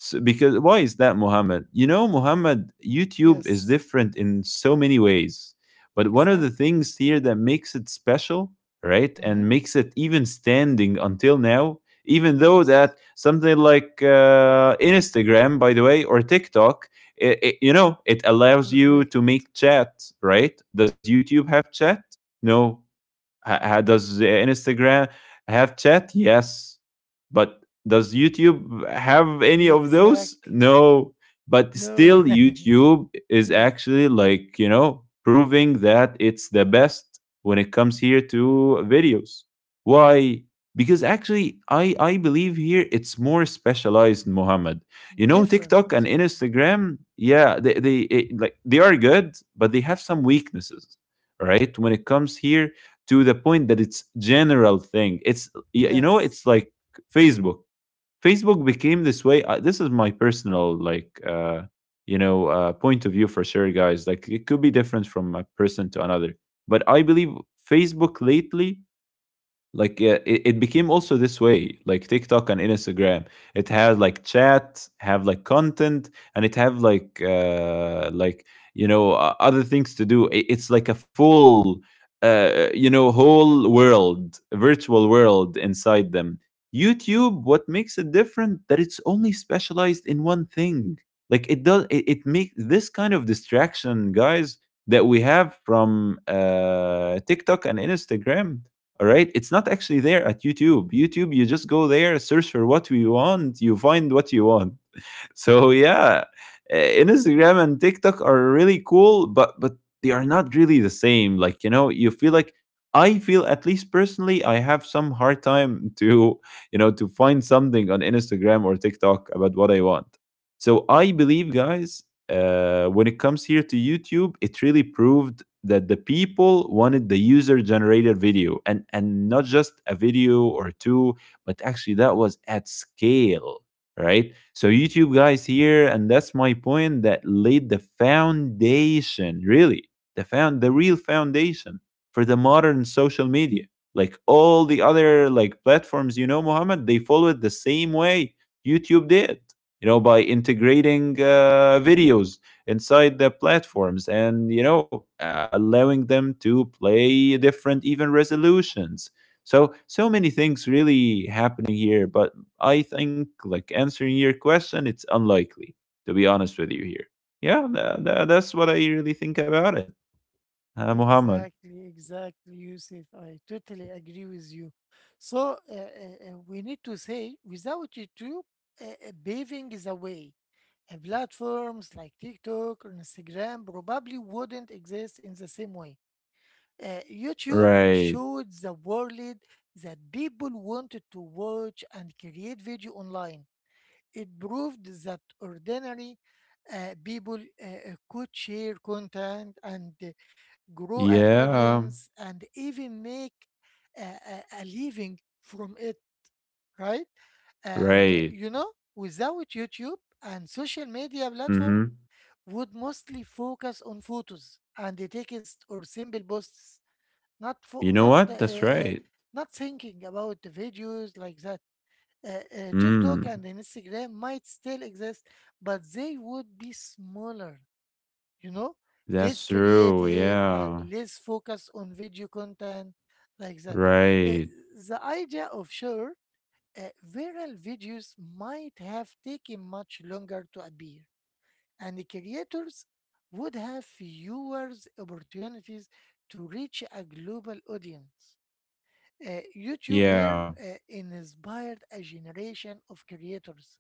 Speaker 2: So, because why is that, Muhammad? You know, Muhammad, YouTube is
Speaker 1: Yes,
Speaker 2: different in so many ways. But one of the
Speaker 1: exactly.
Speaker 2: things here that makes it special, right,
Speaker 1: Hmm.
Speaker 2: and makes it even standing until now, even though
Speaker 1: Yes,
Speaker 2: that something like, Instagram, by the way, or TikTok, you know, it allows you to
Speaker 1: correct.
Speaker 2: make chat, right? Does YouTube have chat? No. Does, Instagram have chat? Yes. But does YouTube have any of those?
Speaker 1: Exactly.
Speaker 2: No. But
Speaker 1: No.
Speaker 2: still, YouTube is
Speaker 1: Yes,
Speaker 2: actually, like, you know, proving that it's the best when it comes here to videos. Why? Because actually, I believe here it's more specialized, Muhammad. You know, TikTok and
Speaker 1: different.
Speaker 2: Instagram, yeah, like, they are good, but they have some weaknesses, right? When it comes here to the point that it's general thing, it's, you know, it's
Speaker 1: Yes.
Speaker 2: like Facebook. Facebook became this way. This is my personal, like, you know, point of view, for sure, guys, like it could be different from a person to another. But I believe Facebook lately, like, it became also this way, like TikTok and Instagram. It had like chat, have like content, and it have like, like, you know, other things to do. It's like a full, you know, whole world, virtual world inside them. YouTube, what makes it different, that it's only specialized in one thing. Like it does, it make this kind of distraction, guys, that we have from, TikTok and Instagram. All right. It's not actually there at YouTube. YouTube, you just go there, search for what you want, you find what you want. So yeah, Instagram and TikTok are really cool, but they are not really the same. Like, you know, you feel like, I feel, at least personally, I have some hard time to, you know, to find something on Instagram or TikTok about what I want. So I believe, guys, when it comes here to YouTube, it really proved that the people wanted the user generated video, and not just a video or two, but actually that was at scale, right? So YouTube guys here, and that's my point, that laid the foundation, really, the real foundation for the modern social media. Like all the other like platforms, you know, Mohammed, they followed the same way YouTube did, you know, by integrating, videos inside the platforms, and, you know, allowing them to play different even resolutions. So so many things really happening here, but I think, like, answering your question, it's unlikely, to be honest with you here. Yeah, that's what I really think about it, Muhammad.
Speaker 1: Exactly, exactly, Yusuf. I totally agree with you. So we need to say, without YouTube, paving is a way. Platforms like TikTok or Instagram probably wouldn't exist in the same way. YouTube
Speaker 2: Right.
Speaker 1: showed the world that people wanted to watch and create video online. It proved that ordinary people could share content and, grow an
Speaker 2: Yeah.
Speaker 1: audience, and even make a living from it, right? And
Speaker 2: Right.
Speaker 1: you know, without YouTube and social media platform
Speaker 2: Mm-hmm.
Speaker 1: would mostly focus on photos and the text or simple posts, not
Speaker 2: You
Speaker 1: fo-
Speaker 2: know
Speaker 1: not
Speaker 2: what? That's right.
Speaker 1: not thinking about the videos like that. TikTok
Speaker 2: Mm.
Speaker 1: and Instagram might still exist, but they would be smaller, you know, less
Speaker 2: That's true.
Speaker 1: creative and
Speaker 2: Yeah.
Speaker 1: less focused on video content like that. Uh,
Speaker 2: Right.
Speaker 1: the idea of sure, viral videos might have taken much longer to appear, and the creators would have fewer opportunities to reach a global audience. YouTube here
Speaker 2: Yeah.
Speaker 1: inspired a generation of creators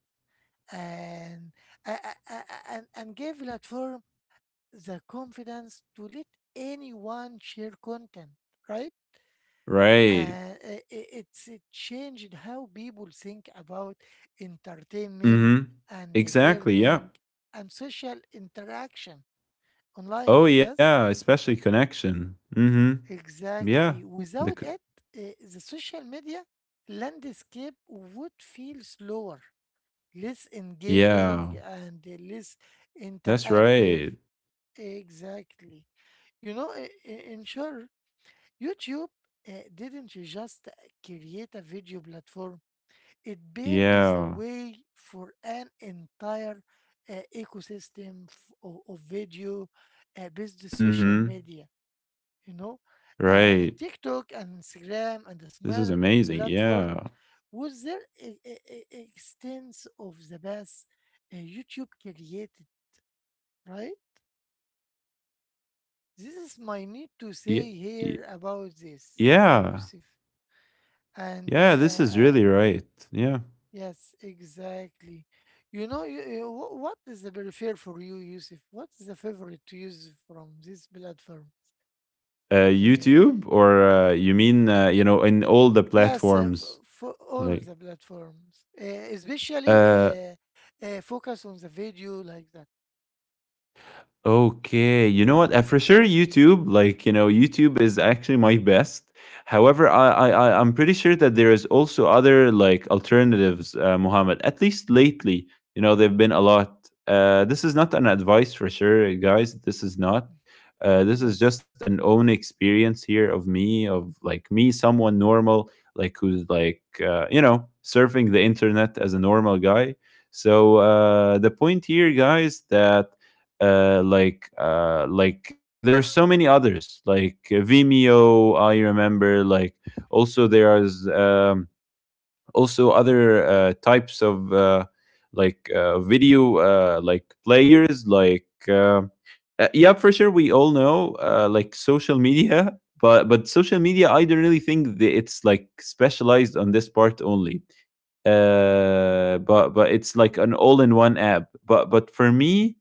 Speaker 1: and and gave platform the confidence to let anyone share content, right?
Speaker 2: Right.
Speaker 1: It changed how people think about entertainment
Speaker 2: Mm-hmm.
Speaker 1: and the
Speaker 2: Exactly. Yeah.
Speaker 1: learning and social interaction
Speaker 2: Oh
Speaker 1: online.
Speaker 2: yeah,
Speaker 1: Yes,
Speaker 2: especially connection. Mm-hmm. Yeah.
Speaker 1: exactly.
Speaker 2: The c-
Speaker 1: Without it, the social media landscape would feel slower, less engaging,
Speaker 2: yeah.
Speaker 1: and less
Speaker 2: That's
Speaker 1: interactive.
Speaker 2: right.
Speaker 1: Exactly. You know, in short, YouTube didn't just create a video platform, it paved the
Speaker 2: Yeah.
Speaker 1: way for an entire ecosystem of video based social
Speaker 2: Mhm.
Speaker 1: media. You know,
Speaker 2: Right.
Speaker 1: TikTok and Instagram and the
Speaker 2: This
Speaker 1: Smile
Speaker 2: is amazing.
Speaker 1: platform
Speaker 2: Yeah.
Speaker 1: was there a, a extent of the best YouTube created, right? This is my need to
Speaker 2: Yeah.
Speaker 1: say here about this,
Speaker 2: Yeah.
Speaker 1: Yusuf. And
Speaker 2: Yeah, this is really right. Yeah.
Speaker 1: Yes, exactly. You know, what is the prefer for you, Yusuf? What is the favorite to use from this platform?
Speaker 2: Uh,
Speaker 1: Uh,
Speaker 2: YouTube, or, you mean, you know, in all the
Speaker 1: yes,
Speaker 2: platforms,
Speaker 1: for all
Speaker 2: like
Speaker 1: the platforms, especially
Speaker 2: uh
Speaker 1: focus on the video like that.
Speaker 2: okay, you know what? I, for sure, YouTube, like, you know, YouTube is actually my best. However, I'm pretty sure that there is also other like alternatives, Muhammad. At least lately, you know, there've been a lot. This is not an advice for sure, guys. This is not. This is
Speaker 1: Yes,
Speaker 2: just an own experience here of me, of like me, someone normal, like who's like, you know, surfing the internet as a normal guy. So, the point here, guys, that, like, like there are so many others, like, Vimeo. I remember, like, also there is, also other, types of, like, video, like players, like, yeah, for sure we all know, like, social media. But social media, I don't really think that it's like specialized on this part only.
Speaker 1: yeah,
Speaker 2: But it's like an all-in-one app. But for me,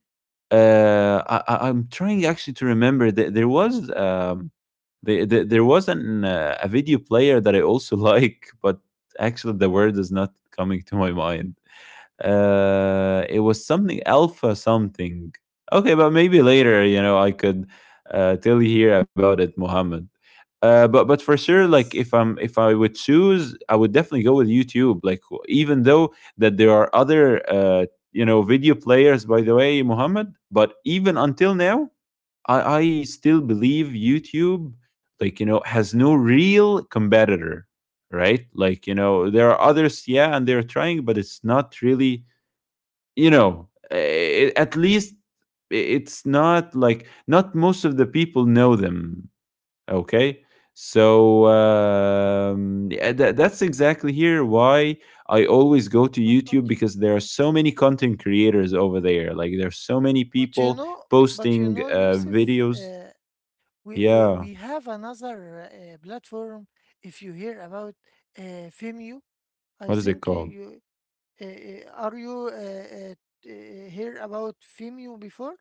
Speaker 2: I I'm trying actually to remember that there was, there was an, a video player that I also like, but actually the word is not coming to my mind. It was something alpha something. Okay, but maybe later, you know, I could, tell you here about it, Mohammed. But for sure, like, if
Speaker 1: yes.
Speaker 2: I'm, if I would choose, I would definitely go with YouTube. Like, even though that there are other, you know, video players, by the way, Mohammed. But even until now, I still believe YouTube, like, you know, has no real competitor, right? Like, you know, there are others, yeah, and they're trying, but it's not really, you know, eh, at least it's not like, not most of the people know them. Okay, so, yeah, that's exactly here why I always go to
Speaker 1: But but
Speaker 2: YouTube,
Speaker 1: you
Speaker 2: because there are so many content creators over there, like there's so many
Speaker 1: but you
Speaker 2: people
Speaker 1: know but you
Speaker 2: posting,
Speaker 1: know, Yusuf,
Speaker 2: videos.
Speaker 1: uh, we, we
Speaker 2: Yeah.
Speaker 1: we have another platform. If you hear about Vimeo, I
Speaker 2: What is it
Speaker 1: think
Speaker 2: called?
Speaker 1: you... Uh, uh, are you uh, uh, hear about Vimeo before?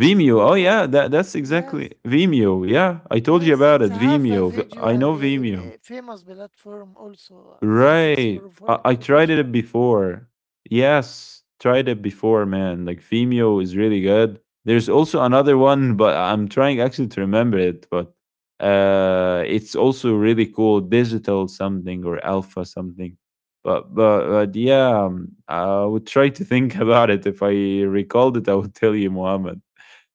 Speaker 2: Vimeo,
Speaker 1: Oh,
Speaker 2: oh
Speaker 1: oh,
Speaker 2: yeah, that's exactly
Speaker 1: yes,
Speaker 2: Vimeo, yeah, I told you
Speaker 1: yes.
Speaker 2: about
Speaker 1: It's
Speaker 2: it,
Speaker 1: have a
Speaker 2: Vimeo, V-,
Speaker 1: video
Speaker 2: I
Speaker 1: and
Speaker 2: know
Speaker 1: a,
Speaker 2: Vimeo.
Speaker 1: famous platform also. I think it's
Speaker 2: Right.
Speaker 1: very for
Speaker 2: I tried
Speaker 1: professional.
Speaker 2: it before. Yes, tried it before, man. Like Vimeo is really good. There's also another one, but I'm trying actually to remember it, but, uh, it's also really cool, digital something or alpha something. But yeah, I would try to think about it. If I recalled it, I would tell you, Mohammed.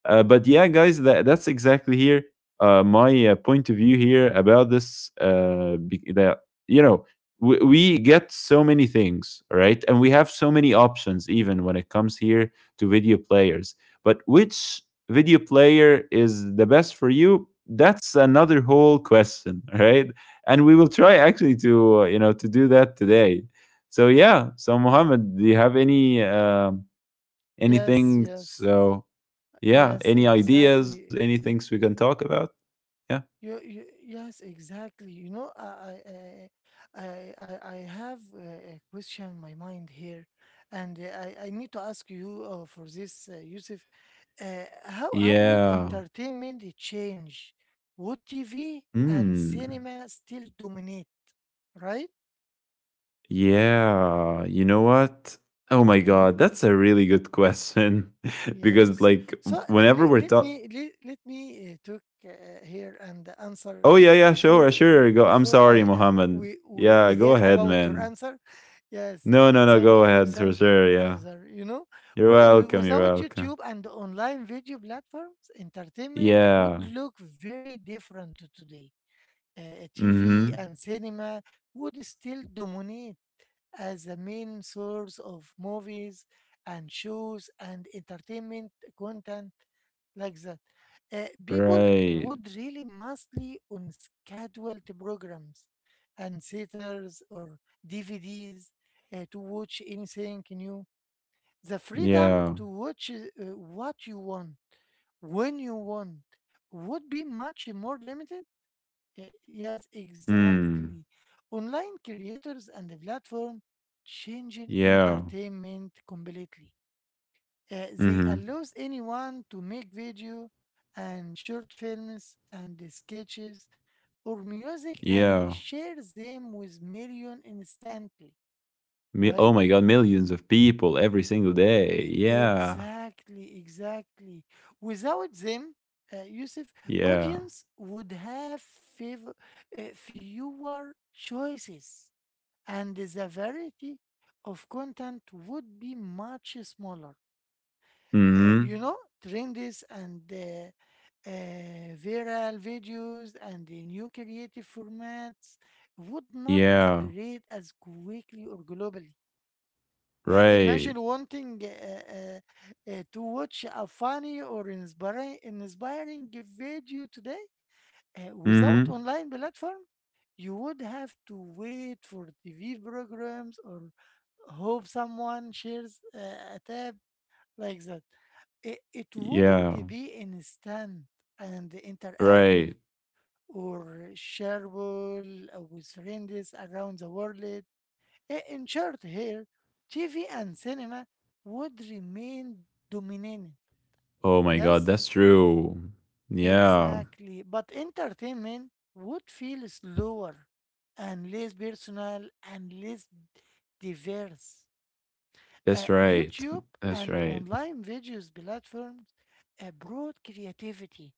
Speaker 2: But yeah, guys, that, that's exactly here, my, point of view here about this. That, you know, we get so many things, right? And we have so many options, even when it comes here to video players. But which video player is the best for you? That's another whole question, right? And we will try actually to, you know, to do that today. So yeah, so Mohammed, do you have any, um,
Speaker 1: Yes,
Speaker 2: anything?
Speaker 1: yes,
Speaker 2: So yeah.
Speaker 1: yes.
Speaker 2: Any ideas?
Speaker 1: Exactly.
Speaker 2: Any things we can talk about? Yeah.
Speaker 1: Yes, exactly. You know, I have a question in my mind here, and I need to ask you for this, Yusuf. How would
Speaker 2: Yeah.
Speaker 1: entertainment change? Would TV and
Speaker 2: Mm.
Speaker 1: cinema still dominate, right?
Speaker 2: Yeah. You know what? Oh my god,
Speaker 1: Mm-hmm.
Speaker 2: that's a really good question because
Speaker 1: Yes.
Speaker 2: like
Speaker 1: So
Speaker 2: whenever we're talking.
Speaker 1: let, let me talk here and answer
Speaker 2: Oh yeah, yeah, sure, sure. Go. I'm
Speaker 1: before
Speaker 2: sorry,
Speaker 1: I
Speaker 2: Mohammed.
Speaker 1: we, we
Speaker 2: Yeah, go
Speaker 1: hear
Speaker 2: ahead,
Speaker 1: about your
Speaker 2: man.
Speaker 1: answer. Yes.
Speaker 2: No, no, no,
Speaker 1: Thank
Speaker 2: go
Speaker 1: you.
Speaker 2: ahead for
Speaker 1: Thank you,
Speaker 2: sure. Yeah.
Speaker 1: brother. You know,
Speaker 2: You're welcome. You're
Speaker 1: without
Speaker 2: welcome.
Speaker 1: YouTube and online video platforms, entertainment would
Speaker 2: Yeah.
Speaker 1: look very different to today. TV
Speaker 2: Mhm.
Speaker 1: and cinema would still dominate as the main source of movies and shows and entertainment content like that. People
Speaker 2: Right.
Speaker 1: would really mostly on scheduled programs and theaters or DVDs, to watch anything new. The freedom
Speaker 2: Yeah.
Speaker 1: to watch what you want when you want would be much more limited. Yes,
Speaker 2: Mm.
Speaker 1: exactly. Online creators and the platform changing
Speaker 2: Yeah.
Speaker 1: entertainment completely. They
Speaker 2: Mhm.
Speaker 1: allows anyone to make video and short films and the sketches or music and they
Speaker 2: Yeah.
Speaker 1: share them with million instantly,
Speaker 2: Mi-,
Speaker 1: right?
Speaker 2: oh my god, millions of people every single day. Yeah.
Speaker 1: Exactly, exactly. Without them, Yusuf,
Speaker 2: Yeah.
Speaker 1: audience would have favor, fewer choices and the variety of content would be much smaller.
Speaker 2: Mhm.
Speaker 1: You know, trends and viral videos and the new creative formats would not
Speaker 2: Yeah.
Speaker 1: spread as quickly or globally.
Speaker 2: Right.
Speaker 1: Imagine wanting to watch a funny or inspiring, inspiring video today without
Speaker 2: Mhm.
Speaker 1: online platform, you would have to wait for TV programs or hope someone shares a tab like that. It wouldn't
Speaker 2: Yeah.
Speaker 1: be instant and interactive
Speaker 2: Right.
Speaker 1: or shareable with friends around the world. In short, here, TV and cinema would remain dominant.
Speaker 2: Oh my god,
Speaker 1: Yes?
Speaker 2: that's true. Yeah.
Speaker 1: Exactly. But entertainment would feel slower and less personal and less diverse.
Speaker 2: That's right.
Speaker 1: YouTube
Speaker 2: That's
Speaker 1: and
Speaker 2: right.
Speaker 1: online videos platforms brought creativity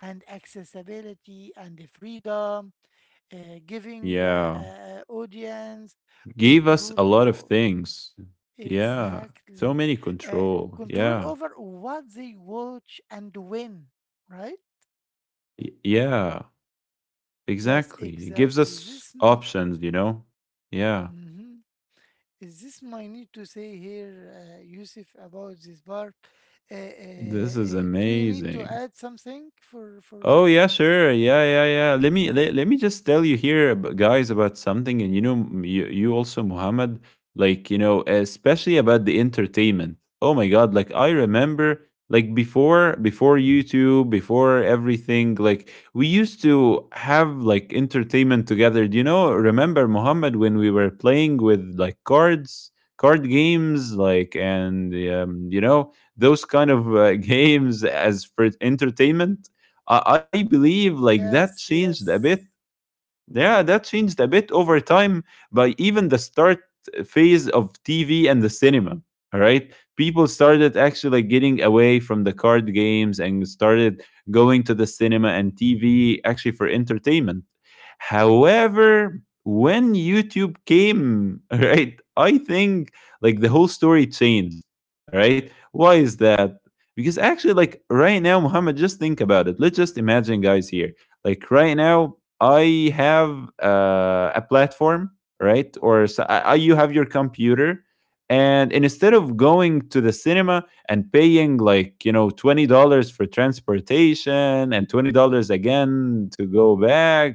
Speaker 1: and accessibility and the freedom, uh, giving
Speaker 2: Yeah.
Speaker 1: audience
Speaker 2: Gave us
Speaker 1: control.
Speaker 2: a lot of things. Yeah. So
Speaker 1: Exactly.
Speaker 2: many
Speaker 1: Uh,
Speaker 2: control.
Speaker 1: Control
Speaker 2: Yeah.
Speaker 1: over what they watch and when, right?
Speaker 2: Y- yeah.
Speaker 1: Yes,
Speaker 2: Exactly. It gives
Speaker 1: exactly.
Speaker 2: us options, you know? Yeah.
Speaker 1: Mhm. Is this my need to say here, Yusuf, about this part. Uh, uh,
Speaker 2: This is
Speaker 1: uh, do you need to
Speaker 2: amazing.
Speaker 1: add something for
Speaker 2: Oh
Speaker 1: this?
Speaker 2: yeah, sure. Yeah, yeah, yeah. Let me just tell you here, guys, about something, and you know, you, you also, Muhammad, like you know, especially about the entertainment. Oh my God, like I remember, like before, before YouTube, before everything, like we used to have like entertainment together. Do you know? Remember, Muhammad, when we were playing with like cards, card games, like and those kind of games as for entertainment. I believe like that
Speaker 1: Yes,
Speaker 2: changed a bit
Speaker 1: yes,
Speaker 2: yeah, that changed a bit over time by even the start phase of TV and the cinema. All right. People started actually like, getting away from the card games and started going to the cinema and TV actually for entertainment. However, when YouTube came, all right, I think like the whole story changed. All right. Why is that? Because actually, like right now, Muhammad, just think about it. Let's just imagine guys here. Like right now, I have a platform, right? Or s I you have your computer, and instead of going to the cinema and paying like you know $20 for transportation and $20 again to go back,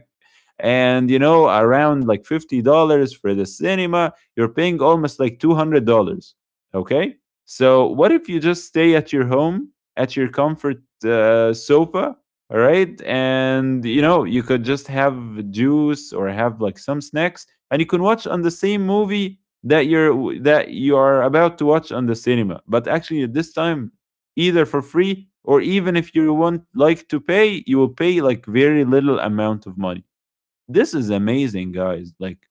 Speaker 2: and you know, around like $50 for the cinema, you're paying almost like $200. Okay, so what if you just stay at your home, at your comfort sofa, all right, and you know, you could just have juice or have like some snacks, and you can watch on the same movie that you are about to watch on the cinema, but actually at this time either for free or even if you want like to pay, you will pay like very little amount of money. This is amazing, guys. Like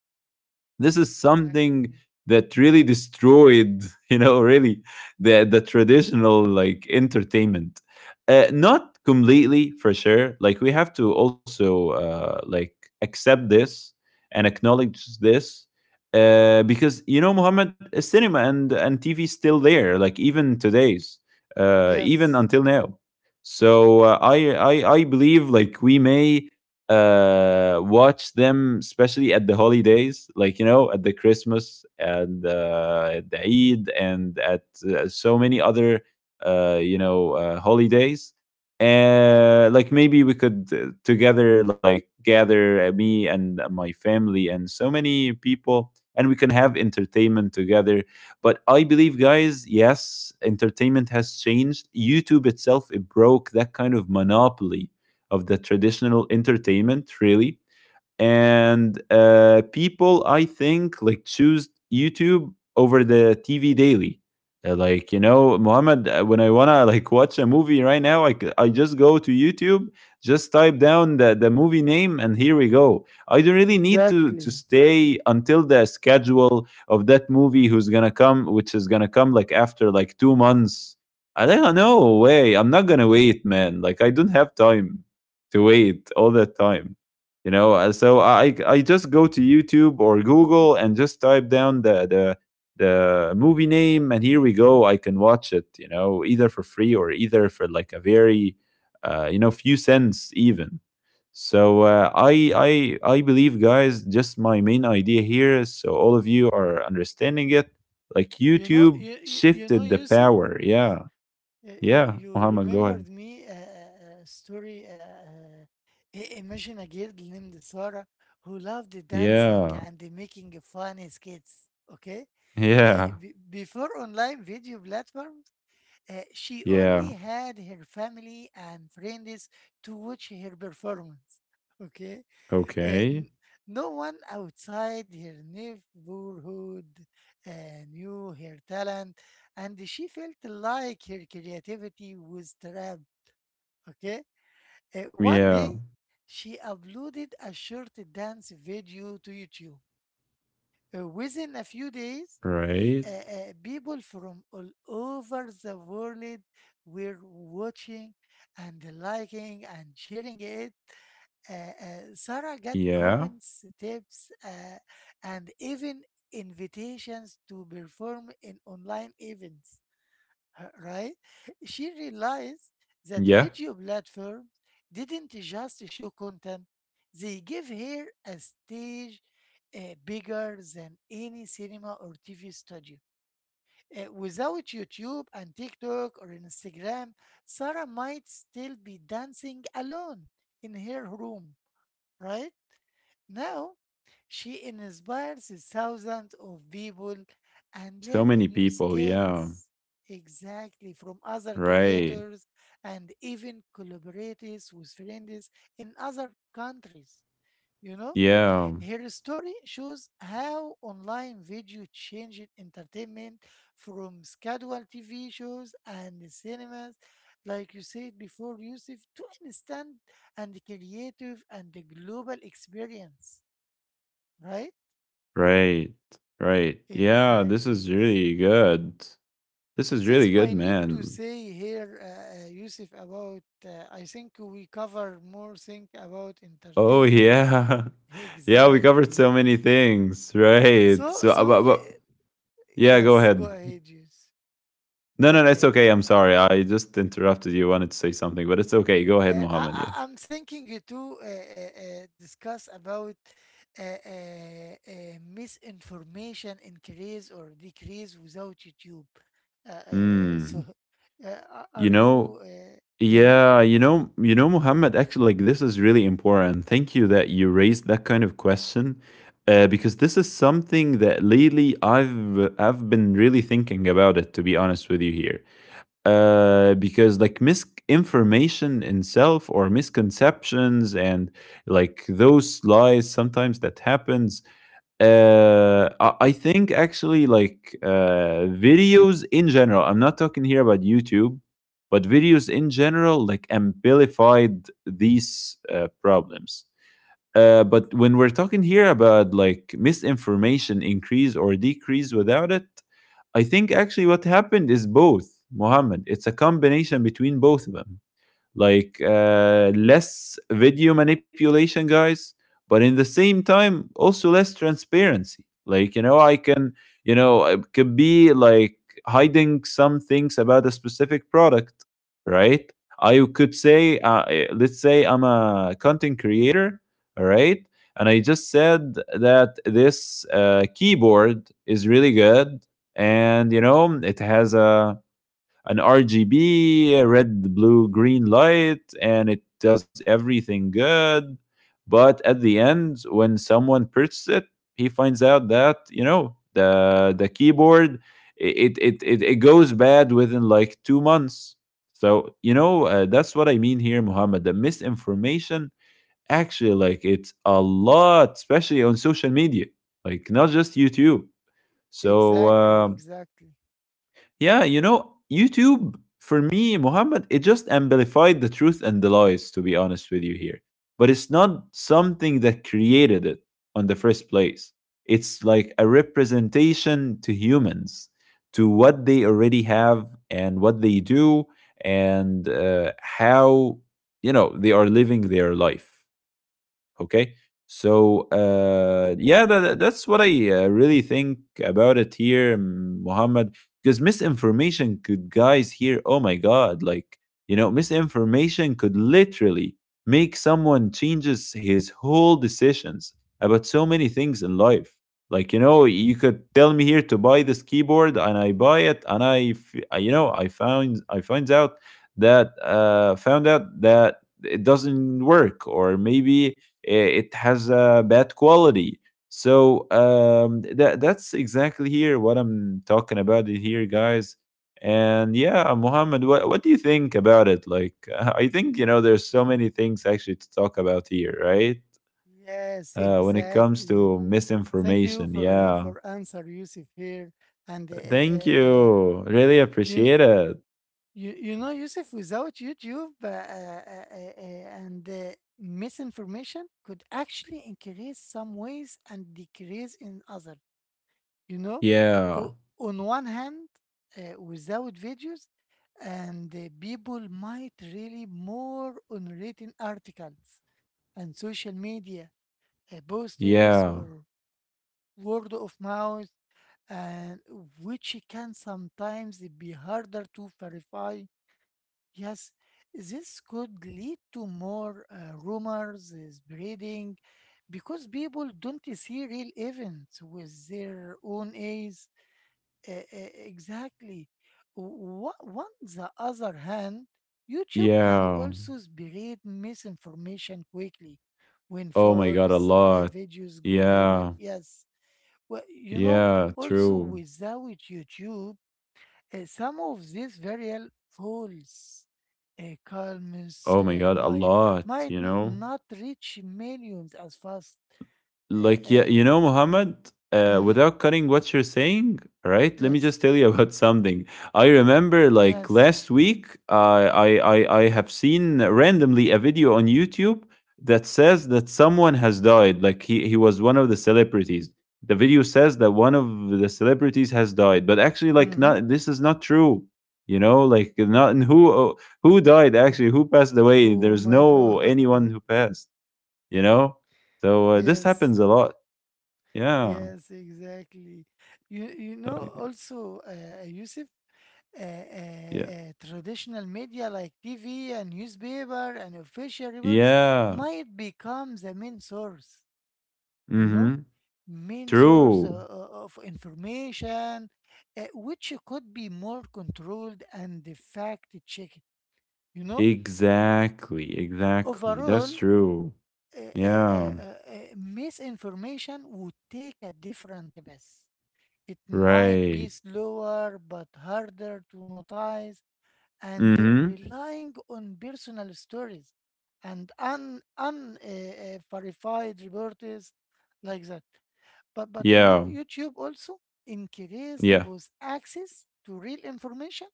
Speaker 2: this is something
Speaker 1: exactly.
Speaker 2: that really destroyed, you know, really the traditional like entertainment. Not completely for sure. Like we have to also like accept this and acknowledge this because you know, Muhammad, cinema and TV is still there. Like even today's, even
Speaker 1: Yes,
Speaker 2: until now. So I believe like we may watch them, especially at the holidays, like you know, at the Christmas and at the Eid and at so many other holidays. Like maybe we could together like gather me and my family and so many people, and we can have entertainment together, but I believe, guys, yes, entertainment has changed. YouTube itself, it broke that kind of monopoly of the traditional entertainment, really. And people, I think, like choose YouTube over the TV daily. Like you know, Muhammad, when I want to like watch a movie
Speaker 1: exactly,
Speaker 2: right now, I just go to YouTube, just type down the movie name, and here we go. I don't really need to
Speaker 1: exactly.
Speaker 2: stay until the schedule of that movie who's gonna come which is gonna come like after like 2 months. I don't know, no way, I'm not gonna wait, man, like I don't have time to wait all that time. You know, so I just go to YouTube or Google and just type down the movie name, and here we go. I can watch it, you know, either for free or either for like a very few cents even. So I believe, guys, just my main idea here, so all of you are understanding it, like
Speaker 1: You know,
Speaker 2: YouTube
Speaker 1: you know,
Speaker 2: shifted the
Speaker 1: Yusuf.
Speaker 2: power. Yeah,
Speaker 1: Uh, uh,
Speaker 2: yeah,
Speaker 1: You
Speaker 2: Muhammad, go ahead.
Speaker 1: remembered me a, a story. Uh, Imagine a girl named Sarah who loved dancing
Speaker 2: Yeah,
Speaker 1: and making funny skits. Okay.
Speaker 2: yeah,
Speaker 1: Before online video platforms, she
Speaker 2: yeah.
Speaker 1: only had her family and friends to watch her performance. Okay, uh,
Speaker 2: Okay.
Speaker 1: n- no one outside her neighborhood uh, knew her talent, and she felt like her creativity was trapped. Okay. One
Speaker 2: Yeah.
Speaker 1: day she uploaded a short dance video to YouTube. Within a few days,
Speaker 2: Right.
Speaker 1: people from all over the world were watching and liking and sharing it. Sarah got
Speaker 2: Yeah.
Speaker 1: comments, tips, and even invitations to perform in online events, right? She realized that
Speaker 2: Yeah.
Speaker 1: video platforms didn't just show content, they give her a stage bigger than any cinema or TV studio. Without YouTube and TikTok or Instagram, Sarah might still be dancing alone in her room, right? Now, she inspires thousands of people and
Speaker 2: So
Speaker 1: learn
Speaker 2: many
Speaker 1: new
Speaker 2: people. Yeah.
Speaker 1: skills, exactly, from other
Speaker 2: Right.
Speaker 1: creators and even collaborates with friends in other countries. You know,
Speaker 2: Yeah.
Speaker 1: her story shows how online video changed entertainment from scheduled TV shows and cinemas, like you said before, Yusuf, to instant and creative and global experience. Right?
Speaker 2: Right. Right. Yeah. This is
Speaker 1: Exactly.
Speaker 2: really good. This is
Speaker 1: This
Speaker 2: really good,
Speaker 1: might need to
Speaker 2: man.
Speaker 1: say here, Yusuf, about I think we cover more thing about
Speaker 2: Oh,
Speaker 1: entertainment.
Speaker 2: yeah. Yeah. We covered
Speaker 1: Exactly.
Speaker 2: so many things. Right.
Speaker 1: So,
Speaker 2: So,
Speaker 1: so le-
Speaker 2: yeah, go
Speaker 1: yes, go
Speaker 2: ahead.
Speaker 1: ahead, Yusuf.
Speaker 2: No, no, no. It's
Speaker 1: Okay.
Speaker 2: okay. I'm sorry. I just interrupted you. Wanted to say something, but it's okay. Go ahead,
Speaker 1: Uh, I,
Speaker 2: Mohammed. Yeah.
Speaker 1: I, I'm thinking you to discuss about misinformation increase or decrease without YouTube. Uh, uh, uh,
Speaker 2: Mm.
Speaker 1: so, are
Speaker 2: You
Speaker 1: are
Speaker 2: know,
Speaker 1: you? Uh-huh.
Speaker 2: yeah, you know, Muhammad, actually, like this is really important. Thank you that you raised that kind of question, because this is something that lately I've been really thinking about. It. To be honest with you here, because like misinformation in self or misconceptions and like those lies sometimes that happens, I think actually like videos in general. I'm not talking here about YouTube, but videos in general like amplified these problems. But when we're talking here about like misinformation increase or decrease without it, I think actually what happened is both, Mohammed. It's a combination between both of them, like less video manipulation, guys, but in the same time also less transparency. Like you know, I can, you know, I could be like hiding some things about a specific product, right? I could say, let's say I'm a content creator, all right, and I just said that this keyboard is really good, and you know it has a an RGB, red, blue, green light, and it does everything good. But at the end, when someone purchases it, he finds out that you know the keyboard, it goes bad within like 2 months. So you know that's what I mean here, Muhammad. The misinformation actually like it's a lot, especially on social media, like not just YouTube. So.
Speaker 1: Exactly, exactly.
Speaker 2: Yeah, you know, YouTube, for me, Mohammed, it just amplified the truth and the lies, to be honest with you here. But it's not something that created it on the first place. It's like a representation to humans, to what they already have and what they do, and how, you know, they are living their life. Okay. So yeah, that's what I really think about it here, Muhammad. Because misinformation could, guys, here, oh my God, like you know, misinformation could literally make someone changes his whole decisions about so many things in life. Like you know, you could tell me here to buy this keyboard, and I buy it, and you know, I finds out that found out that it doesn't work, or maybe it has a bad quality. So that's exactly here what I'm talking about it here, guys. And yeah, Mohammed, what do you think about it? Like, I think you know there's so many things actually to talk about here, right?
Speaker 1: Yes,
Speaker 2: When it comes
Speaker 1: exactly.
Speaker 2: to
Speaker 1: Thank you
Speaker 2: misinformation,
Speaker 1: for your-
Speaker 2: yeah.
Speaker 1: for answer, Yusuf here. And uh,
Speaker 2: Thank
Speaker 1: uh, uh,
Speaker 2: you, really
Speaker 1: you,
Speaker 2: appreciate it.
Speaker 1: you you know, Yusuf, without YouTube and misinformation could actually increase some ways and decrease in other. You know,
Speaker 2: Yeah,
Speaker 1: O- on one hand, without videos, and people might really more on written articles and social media posters
Speaker 2: yeah,
Speaker 1: or word of mouth, and which can sometimes be harder to verify. Yes, this could lead to more rumors spreading because people don't see real events with their own eyes. Exactly. On the other hand, YouTube can
Speaker 2: yeah.
Speaker 1: also spread misinformation quickly when
Speaker 2: Oh my god, a
Speaker 1: false
Speaker 2: lot.
Speaker 1: videos go viral.
Speaker 2: Yeah,
Speaker 1: Yes. Well, you know,
Speaker 2: yeah,
Speaker 1: also
Speaker 2: true.
Speaker 1: without YouTube, some of these viral false columns
Speaker 2: Oh my god, a
Speaker 1: might,
Speaker 2: lot, you know?
Speaker 1: not reach millions as fast. Uh, uh,
Speaker 2: Like, yeah,
Speaker 1: uh,
Speaker 2: you know, Muhammad,
Speaker 1: mm-hmm.
Speaker 2: without cutting what you're saying, right? Let me just
Speaker 1: Yes.
Speaker 2: tell you about something. I remember like
Speaker 1: Yes.
Speaker 2: last week, I have seen randomly a video on YouTube that says that someone has died. Like he was one of the celebrities. The video says that one of the celebrities has died, but actually, like,
Speaker 1: Mm-hmm.
Speaker 2: not this is not true. You know, like, not and who died actually, who passed away?
Speaker 1: Oh
Speaker 2: There's
Speaker 1: my
Speaker 2: no
Speaker 1: God.
Speaker 2: anyone who passed. You know? So this
Speaker 1: Yes.
Speaker 2: happens a lot. Yeah.
Speaker 1: Yes, exactly. You
Speaker 2: So,
Speaker 1: know also Yusuf,
Speaker 2: yeah.
Speaker 1: traditional media like TV and newspaper and official reports
Speaker 2: Yeah.
Speaker 1: might become the main source, you
Speaker 2: Mm-hmm.
Speaker 1: know, main source
Speaker 2: True.
Speaker 1: of information, which could be more controlled and fact checked, you know.
Speaker 2: Exactly. Exactly. That's
Speaker 1: Overall,
Speaker 2: true.
Speaker 1: آآ آآ
Speaker 2: Yeah.
Speaker 1: آآ آآ misinformation would take a different path. It might be
Speaker 2: Right.
Speaker 1: slower but harder to notice, and
Speaker 2: Mm-hmm.
Speaker 1: relying on personal stories and un un verified reports like that. But you know,
Speaker 2: Yeah.
Speaker 1: YouTube also increased
Speaker 2: Yeah.
Speaker 1: both access to real information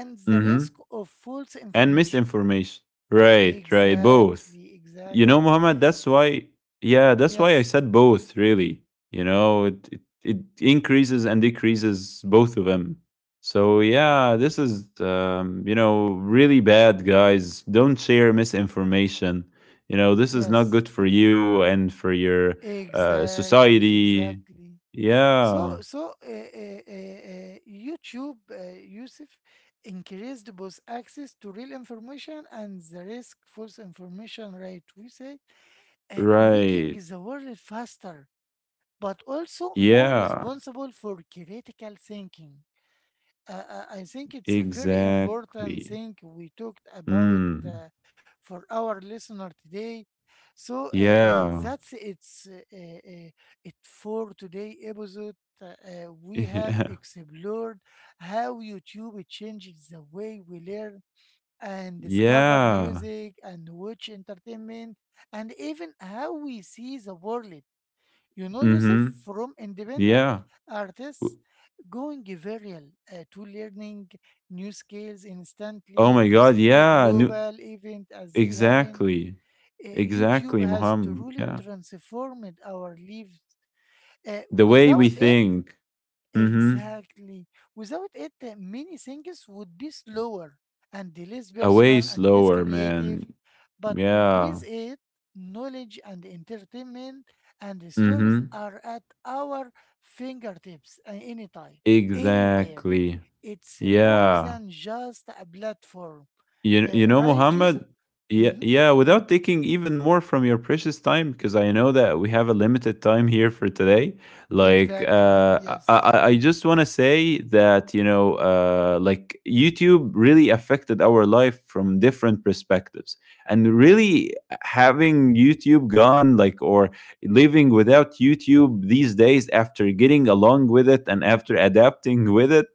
Speaker 1: and the risk
Speaker 2: Mm-hmm.
Speaker 1: of false
Speaker 2: And
Speaker 1: information.
Speaker 2: misinformation. Right, right, both.
Speaker 1: Exactly,
Speaker 2: You know,
Speaker 1: exactly.
Speaker 2: Muhammad, yeah, that's why I
Speaker 1: Yes,
Speaker 2: said both, really. You know, it increases and decreases both of them. So, yeah, this is, you know, really bad, guys. Don't share misinformation. You know, this is not
Speaker 1: yes.
Speaker 2: good for you and for your
Speaker 1: Exactly,
Speaker 2: society.
Speaker 1: exactly.
Speaker 2: Yeah,
Speaker 1: YouTube, Yusuf, increased both access to real information and the risk false information rate. We say, making
Speaker 2: right.
Speaker 1: the world faster, but also more
Speaker 2: Yeah,
Speaker 1: responsible for critical thinking. I think it's a very important
Speaker 2: exactly.
Speaker 1: thing we talked about
Speaker 2: Mm,
Speaker 1: for our listener today. So
Speaker 2: yeah.
Speaker 1: that's it's it for today episode. We have
Speaker 2: Yeah.
Speaker 1: explored how YouTube changes the way we learn and discover
Speaker 2: Yeah.
Speaker 1: music and watch entertainment and even how we see the world. You know, Yusuf,
Speaker 2: Mhm.
Speaker 1: from independent
Speaker 2: Yeah. W.
Speaker 1: artists going viral to learning new skills
Speaker 2: Oh
Speaker 1: instantly
Speaker 2: my
Speaker 1: to
Speaker 2: god,
Speaker 1: think a
Speaker 2: yeah, no,
Speaker 1: global event as they happen.
Speaker 2: exactly.
Speaker 1: YouTube
Speaker 2: Exactly,
Speaker 1: has
Speaker 2: Muhammad,
Speaker 1: truly
Speaker 2: yeah.
Speaker 1: transformed our lives.
Speaker 2: The way we
Speaker 1: Without it...
Speaker 2: think. Mhm.
Speaker 1: Exactly. Without it, many things would be slower and less
Speaker 2: A way
Speaker 1: personal and less
Speaker 2: slower,
Speaker 1: creative.
Speaker 2: man.
Speaker 1: But
Speaker 2: Yeah.
Speaker 1: with it, knowledge and entertainment and stories
Speaker 2: Mhm.
Speaker 1: are at our fingertips at any time, anywhere.
Speaker 2: Exactly.
Speaker 1: It's more
Speaker 2: Yeah.
Speaker 1: than just a platform.
Speaker 2: You you know,
Speaker 1: Right,
Speaker 2: Muhammad,
Speaker 1: Yusuf?
Speaker 2: yeah,
Speaker 1: Mm-hmm.
Speaker 2: yeah, without taking even more from your precious time, because I know that we have a limited time here for today. Like,
Speaker 1: Exactly. Yes.
Speaker 2: I just want to say that, you know, like YouTube really affected our life from different perspectives. And really having YouTube gone, like, or living without YouTube these days after getting along with it and after adapting with it,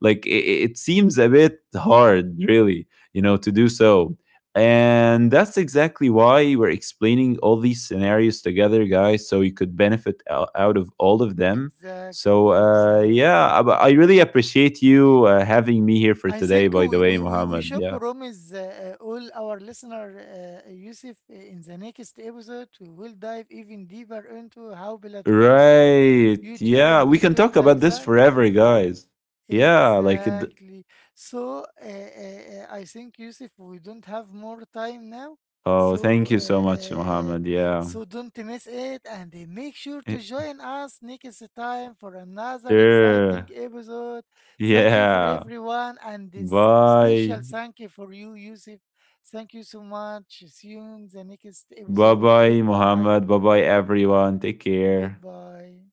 Speaker 2: like, it seems a bit hard, really, you know, to do so. And that's exactly why we're explaining all these scenarios together, guys, so you could benefit out of all of them.
Speaker 1: Exactly.
Speaker 2: So, yeah,
Speaker 1: Exactly.
Speaker 2: I really appreciate you having me here for
Speaker 1: I
Speaker 2: today,
Speaker 1: think
Speaker 2: by
Speaker 1: we,
Speaker 2: the way,
Speaker 1: we, we, we
Speaker 2: Mohammed.
Speaker 1: should
Speaker 2: Yeah.
Speaker 1: promise all our listener, Yusuf, in the next episode, we will dive even deeper into how platforms like
Speaker 2: Right.
Speaker 1: YouTube
Speaker 2: Yeah.
Speaker 1: and
Speaker 2: We can
Speaker 1: TikTok
Speaker 2: talk about
Speaker 1: like
Speaker 2: this
Speaker 1: that...
Speaker 2: forever, guys. Yeah. Like, it,
Speaker 1: Exactly. So I think, Yusuf, we don't have more time now.
Speaker 2: oh,
Speaker 1: So
Speaker 2: thank
Speaker 1: uh,
Speaker 2: you so much,
Speaker 1: uh, uh,
Speaker 2: Mohammed. Yeah.
Speaker 1: so don't miss it and make sure to join us next time for another exciting
Speaker 2: Sure.
Speaker 1: episode. Thank you for
Speaker 2: Yeah.
Speaker 1: everyone and this
Speaker 2: Bye.
Speaker 1: special thank you for you, Yusuf. Thank you so much. See you in the next
Speaker 2: Bye
Speaker 1: episode.
Speaker 2: bye,
Speaker 1: Goodbye.
Speaker 2: Mohammed. Bye bye, everyone. Take care.
Speaker 1: Goodbye.